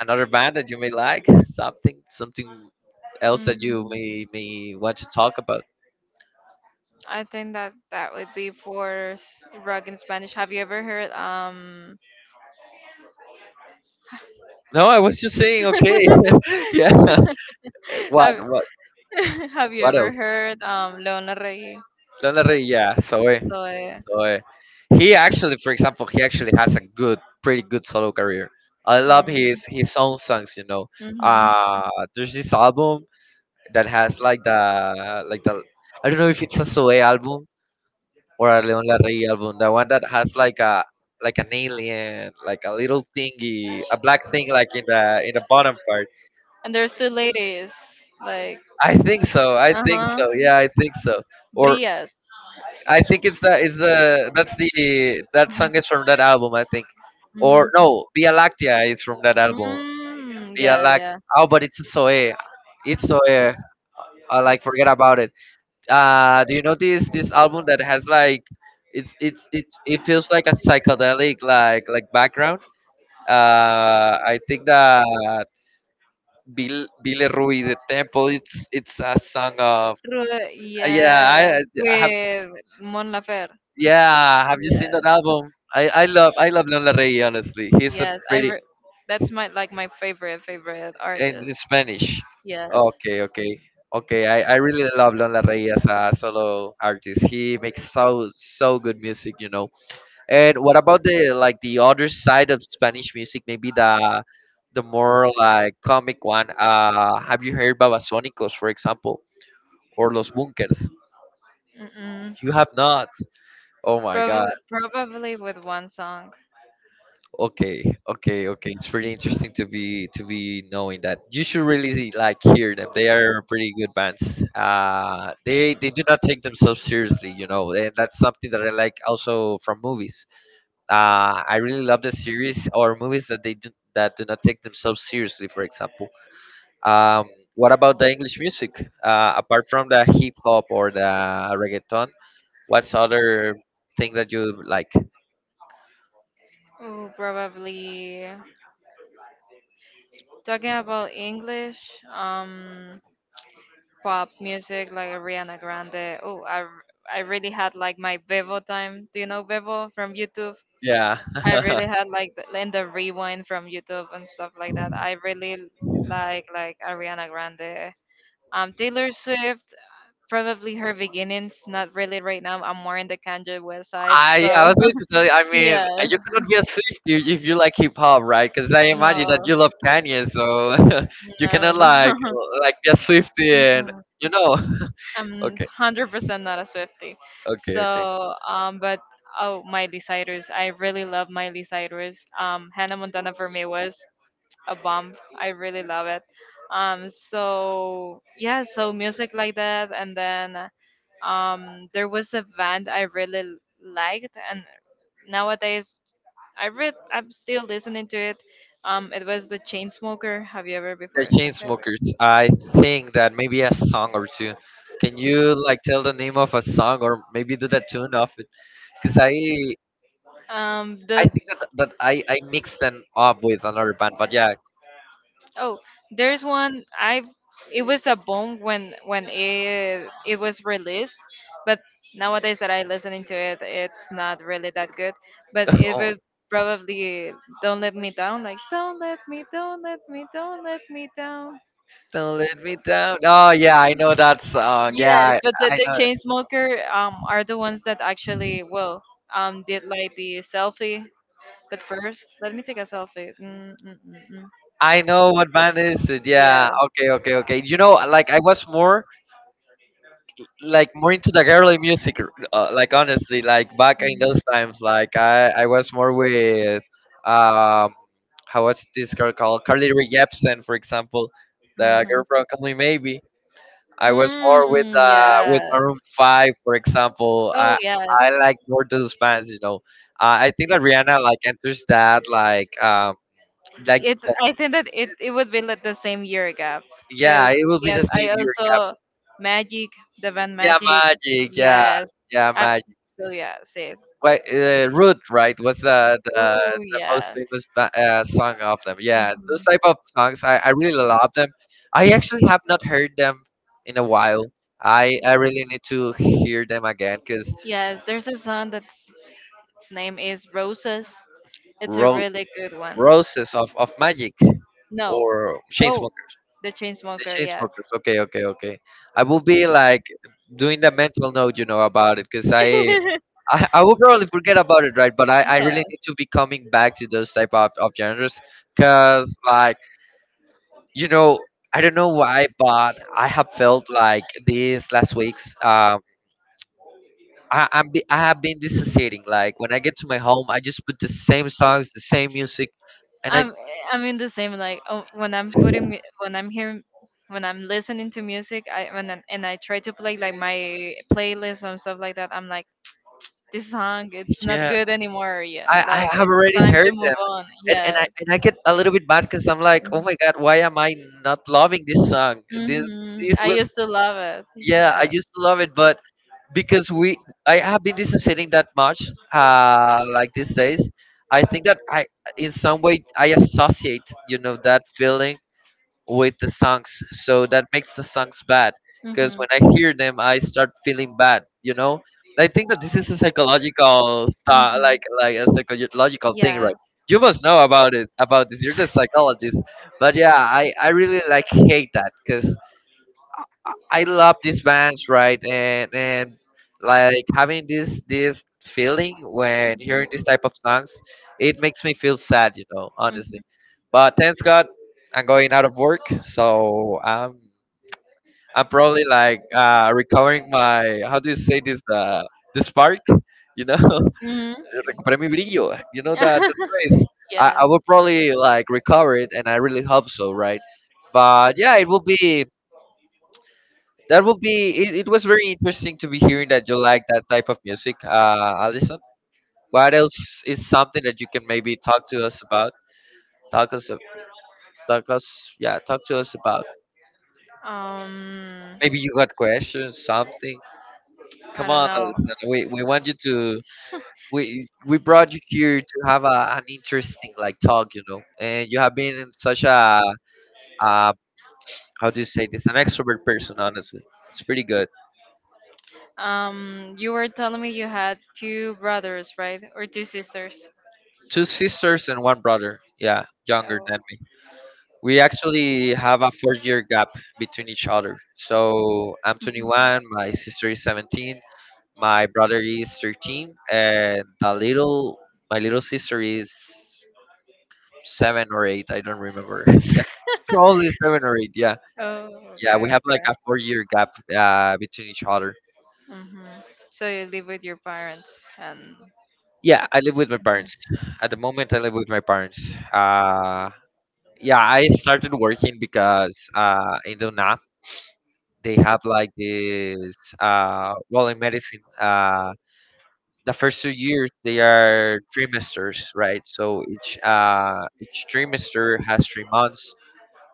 Speaker 1: another band that you may like? Something else that you
Speaker 2: Hmm.
Speaker 1: may want to talk about?
Speaker 2: I think that for, um
Speaker 1: No, I was just saying. Okay, yeah. Eh,
Speaker 2: have
Speaker 1: what else?
Speaker 2: heard Leona Rey?
Speaker 1: Lana Del Rey, yeah. So
Speaker 2: So.
Speaker 1: eh. He actually, for example, he actually has a good, pretty good solo career. I love his own songs. You know, uh, there's this album that has like the, I don't know if it's a Soe album or a Leon Larrey album, the one that has like a like an alien, like a little thingy, a black thing like in the bottom part.
Speaker 2: And there's two ladies.
Speaker 1: I think so. I think so. Yeah, I think so. Or
Speaker 2: Brias.
Speaker 1: I think it's the that's the, that
Speaker 2: Mhm.
Speaker 1: song is from that album, I think. Or
Speaker 2: Mhm.
Speaker 1: no, Via Lactea is from that album.
Speaker 2: Mm,
Speaker 1: Via
Speaker 2: yeah,
Speaker 1: Lactea.
Speaker 2: yeah.
Speaker 1: Oh, but it's Soe. It's Soe. I like forget about it. Do you know this this album that has like, it it feels like a psychedelic like background. I think that Billy Rui the Temple. It's a song of,
Speaker 2: True, yes,
Speaker 1: yeah. I have
Speaker 2: with Mon Laferte.
Speaker 1: Yeah. Have you seen
Speaker 2: Yes,
Speaker 1: that album? I love Leon Larrey. Honestly, he's a
Speaker 2: yes.
Speaker 1: pretty,
Speaker 2: That's my like my favorite favorite
Speaker 1: in
Speaker 2: artist.
Speaker 1: Spanish.
Speaker 2: Yes.
Speaker 1: Okay, okay, okay. I really love Leon Larrey as a solo artist. He makes so so good music. You know. And what about the like the other side of Spanish music? Maybe the more like comic one. Have you heard Babasónicos, for example, or Los Bunkers?
Speaker 2: Mm-mm.
Speaker 1: You have not. Oh my God.
Speaker 2: Probably with one song.
Speaker 1: Okay, okay, okay. It's pretty interesting to be knowing that. You should really like hear them. They are pretty good bands. They do not take themselves seriously, and that's something that I like also from movies. I really love the series or movies that they do that do not take themselves seriously. For example, um, what about the English music? Apart from the hip hop or the reggaeton, what's other thing that you like?
Speaker 2: Oh, probably talking about English. Um, Pop music like Ariana Grande. Oh, I really had like my Vevo time. Do you know Vevo from YouTube?
Speaker 1: Yeah.
Speaker 2: I really had and the rewind from YouTube and stuff like that. I really like Ariana Grande. Taylor Swift, probably her beginnings. Not really right now. I'm more in the Kanye West side.
Speaker 1: I
Speaker 2: So
Speaker 1: I was going to tell you. I mean,
Speaker 2: yes,
Speaker 1: you cannot be a Swiftie if you like hip hop, right? Because I imagine
Speaker 2: no,
Speaker 1: that you love Kanye, so you cannot
Speaker 2: no, no.
Speaker 1: like be a Swiftie and you know.
Speaker 2: I'm
Speaker 1: Okay,
Speaker 2: 100% not a Swifty.
Speaker 1: okay, okay.
Speaker 2: So, but oh, Miley Cyrus. I really love Miley Cyrus. Hannah Montana for me was a bomb. I really love it. So yeah, so music like that, and then, there was a band I really liked, and nowadays I'm still listening to it. It was the Chainsmoker. Have you ever
Speaker 1: The
Speaker 2: before?
Speaker 1: Chainsmokers. I think that maybe a song or two. Can you like tell the name of a song or maybe do the tune of it? Because I I
Speaker 2: The
Speaker 1: think that I mixed them up with another band, but yeah.
Speaker 2: Oh, there's one, I it was a bomb when, it was released, but nowadays that I listening to it, it's not really that good. But it was probably Don't Let Me Down, like Don't Let Me, Don't Let Me, Don't Let Me Down.
Speaker 1: Don't Let Me Down. Oh yeah, I know that song. Yeah,
Speaker 2: Yes,
Speaker 1: I,
Speaker 2: but
Speaker 1: I
Speaker 2: the
Speaker 1: know.
Speaker 2: chain smoker are the ones that actually, well, did like the selfie. But first, let me take a selfie. Mm, mm, mm, mm.
Speaker 1: I know what band is it. Yeah.
Speaker 2: Yes.
Speaker 1: Okay. Okay. Okay. You know, like I was more into the girly music, like honestly, like back in
Speaker 2: Mhm.
Speaker 1: those times, like I was more with, um how was this girl called? Carly Rae Jepsen, for example, the girl
Speaker 2: Mhm.
Speaker 1: from Call Me Maybe. I was more with
Speaker 2: Mm, yes.
Speaker 1: maroon 5, for example.
Speaker 2: Oh,
Speaker 1: i
Speaker 2: yes.
Speaker 1: i
Speaker 2: I
Speaker 1: like more those bands, you know. I think that Rihanna like enters that, like um
Speaker 2: like
Speaker 1: like
Speaker 2: you. It's said. I think that it would be like the same year gap.
Speaker 1: yeah,
Speaker 2: Cause
Speaker 1: it will be the
Speaker 2: yes, the same I
Speaker 1: same
Speaker 2: year gap.
Speaker 1: year gap.
Speaker 2: Also, Magic, the band. Yeah,
Speaker 1: Yeah,
Speaker 2: Magic. Magic.
Speaker 1: Magic. Yeah,
Speaker 2: Yeah, yes.
Speaker 1: yeah,
Speaker 2: I, Magic.
Speaker 1: Magic.
Speaker 2: So yeah, yes.
Speaker 1: Wait, "Rude," right, was the the,
Speaker 2: Oh those
Speaker 1: the most
Speaker 2: yes. Famous
Speaker 1: famous song
Speaker 2: songs.
Speaker 1: of them.
Speaker 2: Yeah,
Speaker 1: Yeah,
Speaker 2: those.
Speaker 1: those
Speaker 2: Mhm.
Speaker 1: type of
Speaker 2: Like
Speaker 1: songs, I really love them. I actually have not heard them in a while. I really need to
Speaker 2: here
Speaker 1: hear
Speaker 2: that
Speaker 1: them
Speaker 2: my
Speaker 1: again because
Speaker 2: girlfriend. Yes, there's a song that's its name is Roses. It's a
Speaker 1: Ro-
Speaker 2: really good one. Roses.
Speaker 1: "Roses" of Magic,
Speaker 2: No,
Speaker 1: or Chains,
Speaker 2: oh, the
Speaker 1: The
Speaker 2: Chainsmoker,
Speaker 1: chain
Speaker 2: yes.
Speaker 1: smokers. Okay, okay, okay. I will be like doing the mental note about it, because I will probably forget about it, right? But I
Speaker 2: Yeah.
Speaker 1: really need to be coming back to those type of genres, because like you know, I don't know why, but I have felt like these last weeks. I have been dissociating. Like when I get to my home, I just put the same songs, the same music, and I
Speaker 2: I'm I'm in the same like, oh, when I'm when I'm hearing when I'm listening to music, and I try to play like my playlist and stuff like that, I'm like, this song, it's not
Speaker 1: yeah,
Speaker 2: good anymore. Yeah, like
Speaker 1: I have
Speaker 2: it's
Speaker 1: already
Speaker 2: time to
Speaker 1: heard
Speaker 2: move
Speaker 1: them.
Speaker 2: on.
Speaker 1: and and I
Speaker 2: Yes.
Speaker 1: and I get a little bit bad because I'm like, oh my God, why am I not loving this song? This
Speaker 2: Mm-hmm.
Speaker 1: this
Speaker 2: I
Speaker 1: was.
Speaker 2: used to love it.
Speaker 1: Yeah, I
Speaker 2: Yeah.
Speaker 1: used to love it, but because we I have been listening that much, like these days, I think that I in some way I associate, that feeling with the songs, so that makes the songs bad,
Speaker 2: Mm-hmm.
Speaker 1: because when I
Speaker 2: Mhm.
Speaker 1: hear them I start feeling bad. I think that this is a psychological sta like a psychological thing, right?
Speaker 2: Yes.
Speaker 1: You must know about it about this, you're the psychologist. But yeah, I really like hate that, because I love these bands, right? And like having this feeling when hearing this type of songs, it
Speaker 2: Mm-hmm.
Speaker 1: makes me feel sad, you know,
Speaker 2: Mhm.
Speaker 1: honestly. But thanks God, I'm going out of work, so I'm probably like recovering my, how do you say this, the spark, you know?
Speaker 2: Mhm.
Speaker 1: Recuperé mi brillo, you know that phrase. I,
Speaker 2: Yes.
Speaker 1: I will probably like recover it, and I really hope so, right? But yeah, it will be. That would be. It was very interesting to be hearing that you like that type of music, Alison. What else is something that you can maybe talk to us about? Talk us, talk us, yeah, talk to us about.
Speaker 2: Um,
Speaker 1: Maybe you got questions, something.
Speaker 2: I
Speaker 1: Come
Speaker 2: don't
Speaker 1: on,
Speaker 2: know.
Speaker 1: Alison. We want you to. We brought you here to have an interesting like talk. And you have been such a, uh, how do you say this? An extrovert person, honestly. It's pretty good.
Speaker 2: You were telling me you had two brothers, right? Or two sisters?
Speaker 1: Two sisters and one brother. Yeah, younger
Speaker 2: Oh.
Speaker 1: than me. We actually have a 4-year gap between each other. So I'm
Speaker 2: Mhm.
Speaker 1: 21, my sister is 17, my brother is 13, and the little my little sister is 7 or 8. I don't remember. Yeah, probably 7 or 8. Yeah,
Speaker 2: Oh,
Speaker 1: yeah.
Speaker 2: okay,
Speaker 1: We have like
Speaker 2: okay.
Speaker 1: a 4-year gap between each other.
Speaker 2: hmm So you live with your parents and.
Speaker 1: Yeah, I live with my parents. At the moment, I live with my parents. Yeah, I started working because, in Dona, they have like this, well, in medicine, the first 2 years, they are trimesters, right? So each trimester has 3 months.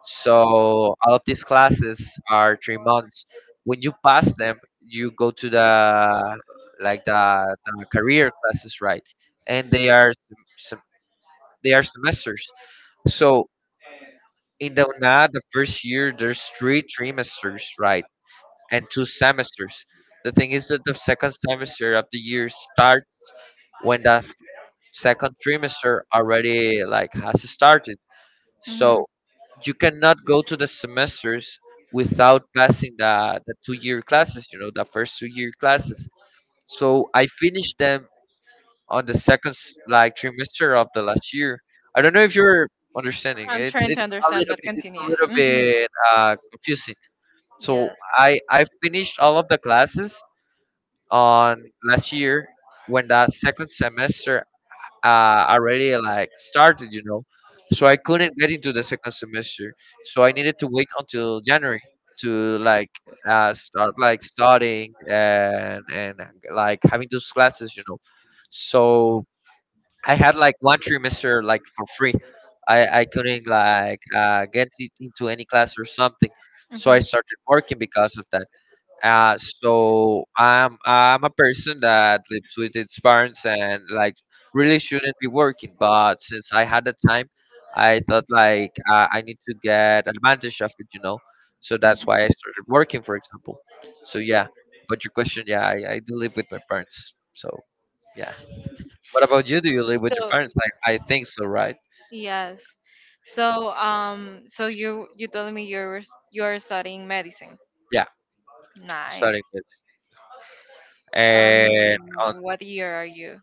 Speaker 1: So all of these classes are 3 months. When you pass them, you go to the, like, the career classes, right? And they are sem- semesters so in the UNAD, the first year there's three trimesters, right? And two semesters. The thing is that the second semester of the year starts when the second trimester already like has started.
Speaker 2: Mhm.
Speaker 1: So you cannot go to the semesters without passing the 2-year classes, the first 2-year classes. So I finished them on the second like trimester of the last year. I don't know if you're understanding.
Speaker 2: I'm trying to
Speaker 1: It's a
Speaker 2: understand,
Speaker 1: little
Speaker 2: but
Speaker 1: bit it's
Speaker 2: continue.
Speaker 1: a little
Speaker 2: Hmm.
Speaker 1: bit confusing. So
Speaker 2: Yes.
Speaker 1: I finished all of the classes on last year when that second semester uh, already like started. So I couldn't get into the second semester. So I needed to wait until January to like, start like studying and like having those classes. So I had like one trimester like for free. I couldn't like, get it into any class or something. So I
Speaker 2: Mhm.
Speaker 1: started working because of that. So I'm a person that lives with its parents and like really shouldn't be working, but since I had the time, I thought like, I need to get advantage of it. So that's why I started working, for example. So yeah, but your question, yeah, I do live with my parents. So yeah. What about you? Do you live with your
Speaker 2: So
Speaker 1: parents? I think so, right?
Speaker 2: yes. So you told me you're studying medicine.
Speaker 1: Yeah, starting
Speaker 2: Nice.
Speaker 1: with.
Speaker 2: Um,
Speaker 1: And on
Speaker 2: what year are you?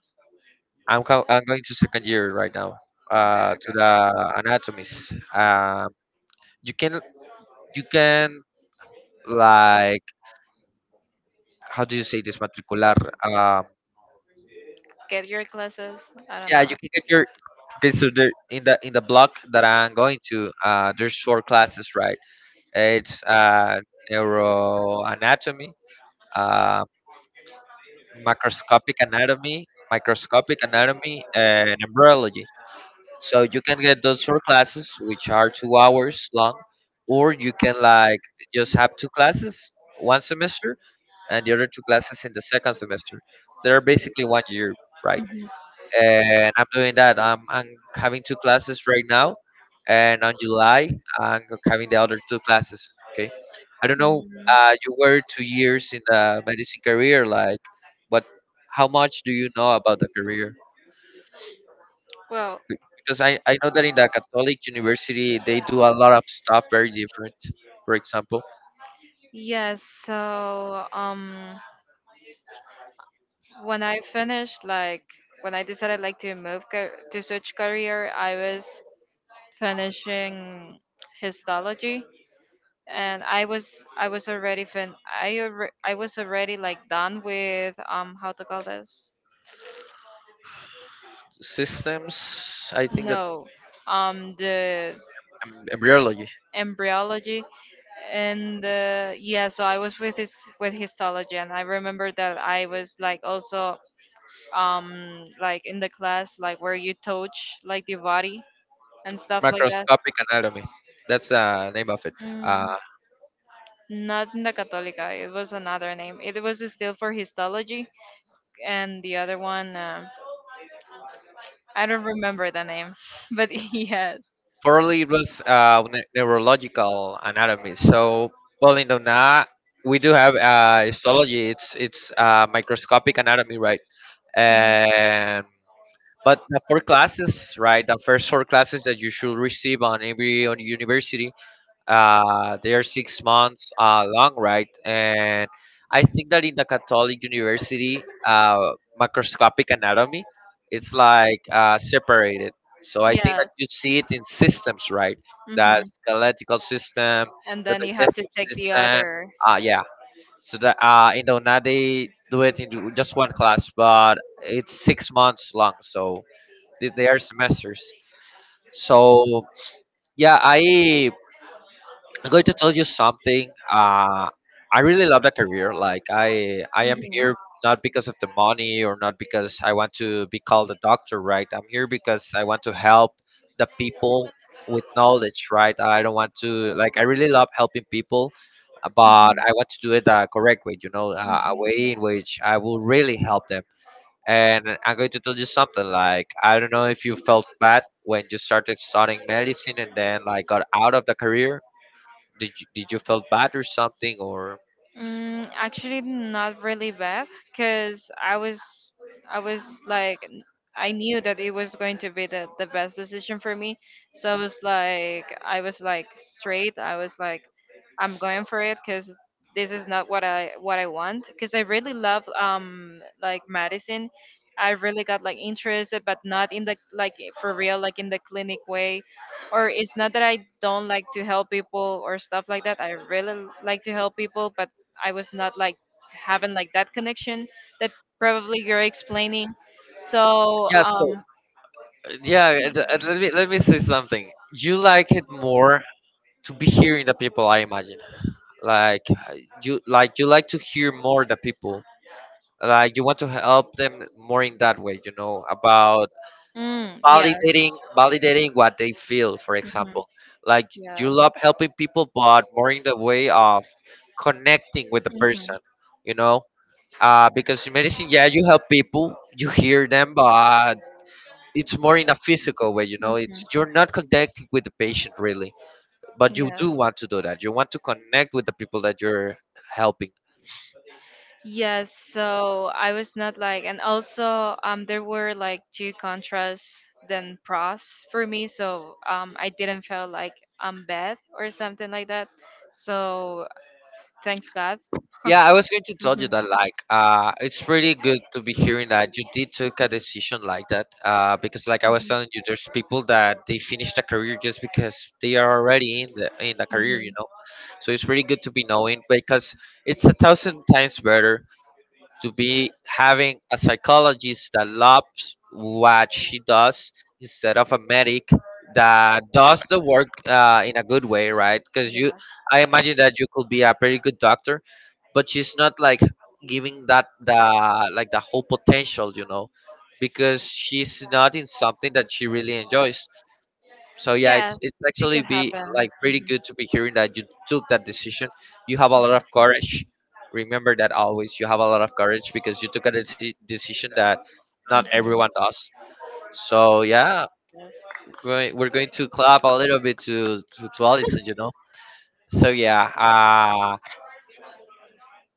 Speaker 1: I'm co- I'm going to second year right now.
Speaker 2: Okay,
Speaker 1: To
Speaker 2: okay.
Speaker 1: the anatomies. You can you can like, how do you say this, matricular? Um,
Speaker 2: Get your classes? I don't
Speaker 1: yeah,
Speaker 2: know.
Speaker 1: you can get your. Okay. So there in the block that I'm going to, there's four classes, right? It's neuroanatomy, uh, macroscopic anatomy, microscopic anatomy, and embryology. So you can get those four classes, which are 2 hours long, or you can like just have two classes one semester and the other two classes in the second semester. They're basically 1 year, right?
Speaker 2: Mhm. Mm.
Speaker 1: And I'm doing that. I'm having two classes right now, and on July I'm having the other two classes. Okay, I don't know. You were 2 years in the medicine career, like, but how much do you know about the career?
Speaker 2: Well,
Speaker 1: Be- Because I know that in the Catholic University, they do a lot of stuff very different. For example,
Speaker 2: yes, so when I finished, like, when I decided like to to switch career, I was finishing histology, and I was already I was already like done with um, how to call this?
Speaker 1: systems, I think that
Speaker 2: No, um, the
Speaker 1: embryology,
Speaker 2: embryology. And yeah, so I was with his with histology, and I remember that I was like also um, like in the class like where you touch like the body and stuff like that.
Speaker 1: macroscopic anatomy. That's the name of it.
Speaker 2: Mm,
Speaker 1: Uh,
Speaker 2: not in the Católica. It was another name. It was still for histology, and the other one, I don't remember the name, but yes.
Speaker 1: Formerly, it was neurological anatomy. So, well, in Dona, we do have histology. It's microscopic anatomy, right?
Speaker 2: Mhm.
Speaker 1: And but the four classes, right? The first four classes that you should receive on university. They are 6 months long, right? And I think that in the Catholic University, microscopic anatomy, it's like, separated. So I think that
Speaker 2: Yes.
Speaker 1: you see it in systems, right? The
Speaker 2: Hmm.
Speaker 1: skeletal system,
Speaker 2: And
Speaker 1: the
Speaker 2: then you have to
Speaker 1: digestive
Speaker 2: take the
Speaker 1: system.
Speaker 2: other.
Speaker 1: Yeah. So that, now they do it in just one class, but it's 6 months long. So they are semesters. So yeah, I'm going to tell you something. I really love that career. Like I am
Speaker 2: Mhm,
Speaker 1: here not because of the money or not because I want to be called a doctor, right? I'm here because I want to help the people with knowledge, right? I don't want to like. I really love helping people, but
Speaker 2: mhm,
Speaker 1: I want to do it the correct way. You know, a
Speaker 2: mhm.
Speaker 1: way in which I will really help them. And I'm going to tell you something. Like I don't know if you felt bad when you started studying medicine and then, like, got out of the career. Did you felt bad or something, or?
Speaker 2: Mm, actually, not really bad, cause I was like, I knew that it was going to be the best decision for me. So I was like straight. I was like, I'm going for it, cause this is not what I want. Cause I really love um, like medicine. I really got like interested, but not in the like for real, like in the clinic way. Or it's not that I don't like to help people or stuff like that. I really like to help people, but I was not like having like that connection that probably you're explaining. So
Speaker 1: Yeah, so
Speaker 2: um,
Speaker 1: yeah, and let me say something. You like it more to be hearing the people, I imagine. Like you like to hear more the people. Like, you want to help them more in that way, about
Speaker 2: mm, yes.
Speaker 1: validating what they feel, for
Speaker 2: Hmm.
Speaker 1: example. Like, you
Speaker 2: Yes.
Speaker 1: love helping people, but more in the way of connecting with the
Speaker 2: Hmm, hmm.
Speaker 1: person,
Speaker 2: Yes.
Speaker 1: you know. Because in medicine, yeah, you help people, you hear them, but it's more in a physical way, you know, it's you're not connecting with the patient, really, but you do want to do that. You want to connect with the people that you're helping.
Speaker 2: Yes, so I was not like, and also there were like two contrasts than pros for me, so I didn't feel like I'm bad or something like that. So thanks God.
Speaker 1: Yeah, I was going to tell you
Speaker 2: Mhm.
Speaker 1: that, like, it's pretty good to be hearing that you did took a decision like that, because, like, I was
Speaker 2: Mhm.
Speaker 1: telling you, there's people that they finished a career just because they are already in the career,
Speaker 2: Mhm.
Speaker 1: you know. So it's pretty good to be knowing, because it's a thousand times better to be having a psychologist that loves what she does instead of a medic that does the work, in a good way, right? Because
Speaker 2: Yeah.
Speaker 1: you, I imagine that you could be a pretty good doctor, but she's not, like, giving that the, like, the whole potential, because she's not in something that she really enjoys. So yeah, it's
Speaker 2: Yes,
Speaker 1: it's
Speaker 2: it
Speaker 1: actually
Speaker 2: could
Speaker 1: be
Speaker 2: happen.
Speaker 1: like pretty
Speaker 2: Mhm.
Speaker 1: good to be hearing that you took that decision. You have a lot of courage. Remember that always. You have a lot of courage because you took a decision that not
Speaker 2: Mhm.
Speaker 1: everyone does. So yeah, we're going to clap a little bit to to Allison. So yeah,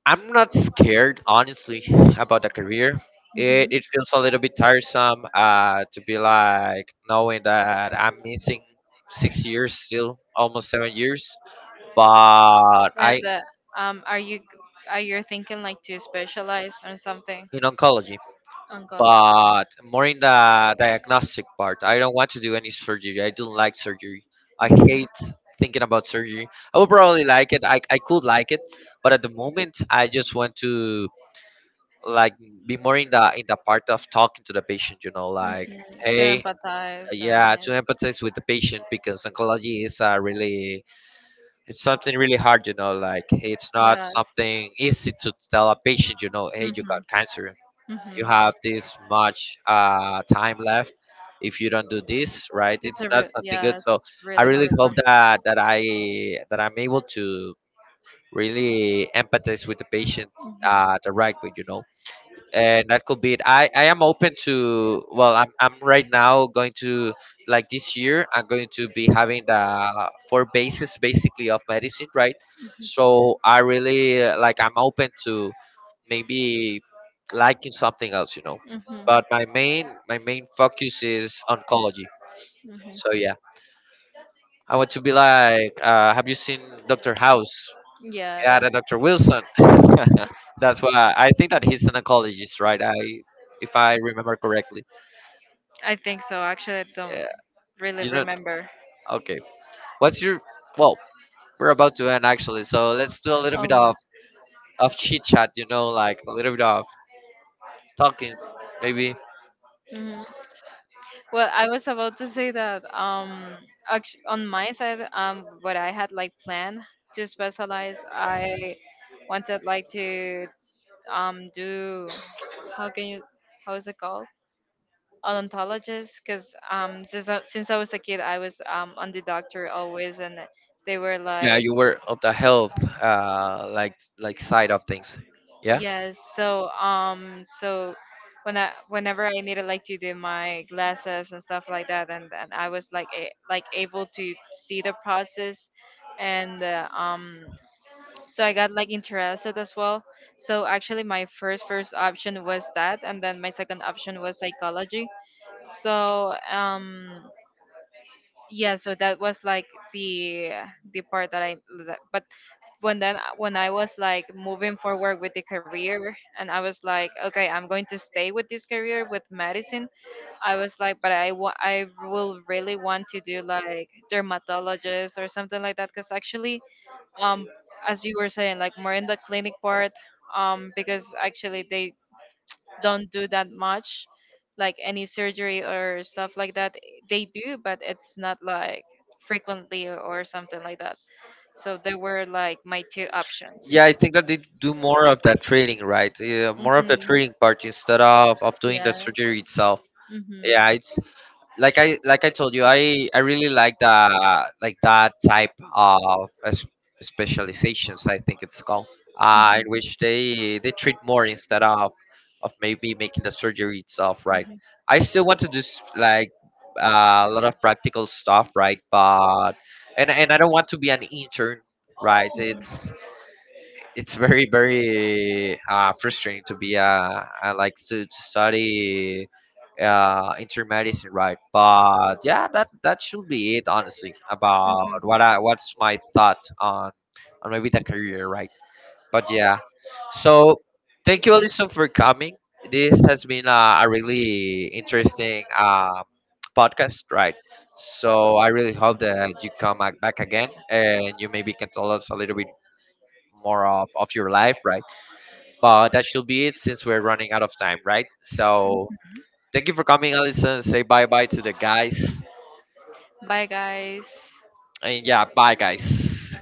Speaker 1: I'm not scared, honestly, about the career. It
Speaker 2: Mhm.
Speaker 1: it feels a little bit tiresome, to be, like, knowing that I'm missing 6 years still, almost 7 years, but I,
Speaker 2: And um, are you are you thinking like to specialize on something?
Speaker 1: in oncology,
Speaker 2: Oncology.
Speaker 1: but more in the diagnostic part. I don't want to do any surgery. I don't like surgery. I
Speaker 2: Mhm.
Speaker 1: hate thinking about surgery. I would probably like it. I could like it, but at the moment, I just want to, like, be more in the part of talking to the patient. You know, like,
Speaker 2: Mhm. To
Speaker 1: hey.
Speaker 2: empathize
Speaker 1: Yeah, to
Speaker 2: and.
Speaker 1: empathize with the patient, because oncology is a really it's something really hard, like it's not
Speaker 2: Yeah.
Speaker 1: something easy to tell a patient, hey, you
Speaker 2: Mm-hmm.
Speaker 1: got cancer. You
Speaker 2: Mm-hmm.
Speaker 1: have this much time left. If you don't do this right, it's not something good.
Speaker 2: Yes,
Speaker 1: So
Speaker 2: it's
Speaker 1: I
Speaker 2: really
Speaker 1: really
Speaker 2: hard
Speaker 1: hope
Speaker 2: one.
Speaker 1: that I'm able to really empathize with the patient, directly, you know. And that could be it. I am open to, well, I'm right now going to, like, this year, I'm going to be having the four bases basically of medicine, right? So I really, like, I'm open to maybe liking something else, you know,
Speaker 2: Mm-hmm. Mm-hmm.
Speaker 1: but my main focus is oncology. So
Speaker 2: Mm-hmm.
Speaker 1: yeah, I want to be, like, have you seen Dr. House? Yeah,
Speaker 2: Yes,
Speaker 1: the Dr. Wilson. That's why I think that he's an oncologist, right? If I remember correctly.
Speaker 2: I think so. Actually, I don't
Speaker 1: Yeah,
Speaker 2: really
Speaker 1: you know.
Speaker 2: remember.
Speaker 1: Okay. What's your? Well, we're about to end, actually, so let's do a little bit of
Speaker 2: Almost.
Speaker 1: of chit chat. You know, like a little bit of talking, maybe.
Speaker 2: Hmm. Well, I was about to say that actually, on my side, what I had like planned to specialize, I wanted like to um, do, how can you, how is it called, odontologist, because um, since I was a kid I was um, on the doctor always and they were
Speaker 1: Yeah,
Speaker 2: like,
Speaker 1: you were of the health, like side of things. Yeah.
Speaker 2: yes. So when I needed like to do my glasses and stuff like that, and I was like able to see the process, and um, so I got like interested as well. So actually, my first option was that, and then my second option was psychology. So um, yeah, so that was like the the part but when, then when I was like moving forward with the career, and I was like, okay, I'm going to stay with this career with medicine. I was like, but I will really want to do like dermatologist or something like that, because actually um, as you were saying, like more in the clinic part, um, because actually they don't do that much like any surgery or stuff like that. They do, but it's not like frequently or something like that. So they were like my two options.
Speaker 1: Yeah, I think that they do more of that trading, right? Yeah, more of
Speaker 2: Hmm.
Speaker 1: the trading part instead of doing the
Speaker 2: Yes.
Speaker 1: surgery itself.
Speaker 2: Hmm,
Speaker 1: Yeah, it's, like, I like I told you, I really like the, like, that type of specializations. I think it's called, in which they treat more, instead of maybe making the surgery itself. Right.
Speaker 2: hmm,
Speaker 1: I still want to do like, a lot of practical stuff. Right. But and I don't want to be an intern. Right. It's very very frustrating to be,
Speaker 2: hmm.
Speaker 1: I like to, study intermedicine, right? But yeah, that should be it, honestly, about
Speaker 2: Mhm.
Speaker 1: what's my thoughts on maybe the career, right? But yeah, so thank you, Alison, for coming. This has been, a really interesting podcast, right? So I really hope that you come back again, and you maybe can tell us a little bit more of your life, right? But that should be it, since we're running out of time, right? So thank you for coming, Allison. Say bye bye to the guys.
Speaker 2: Bye, guys.
Speaker 1: And yeah, bye, guys.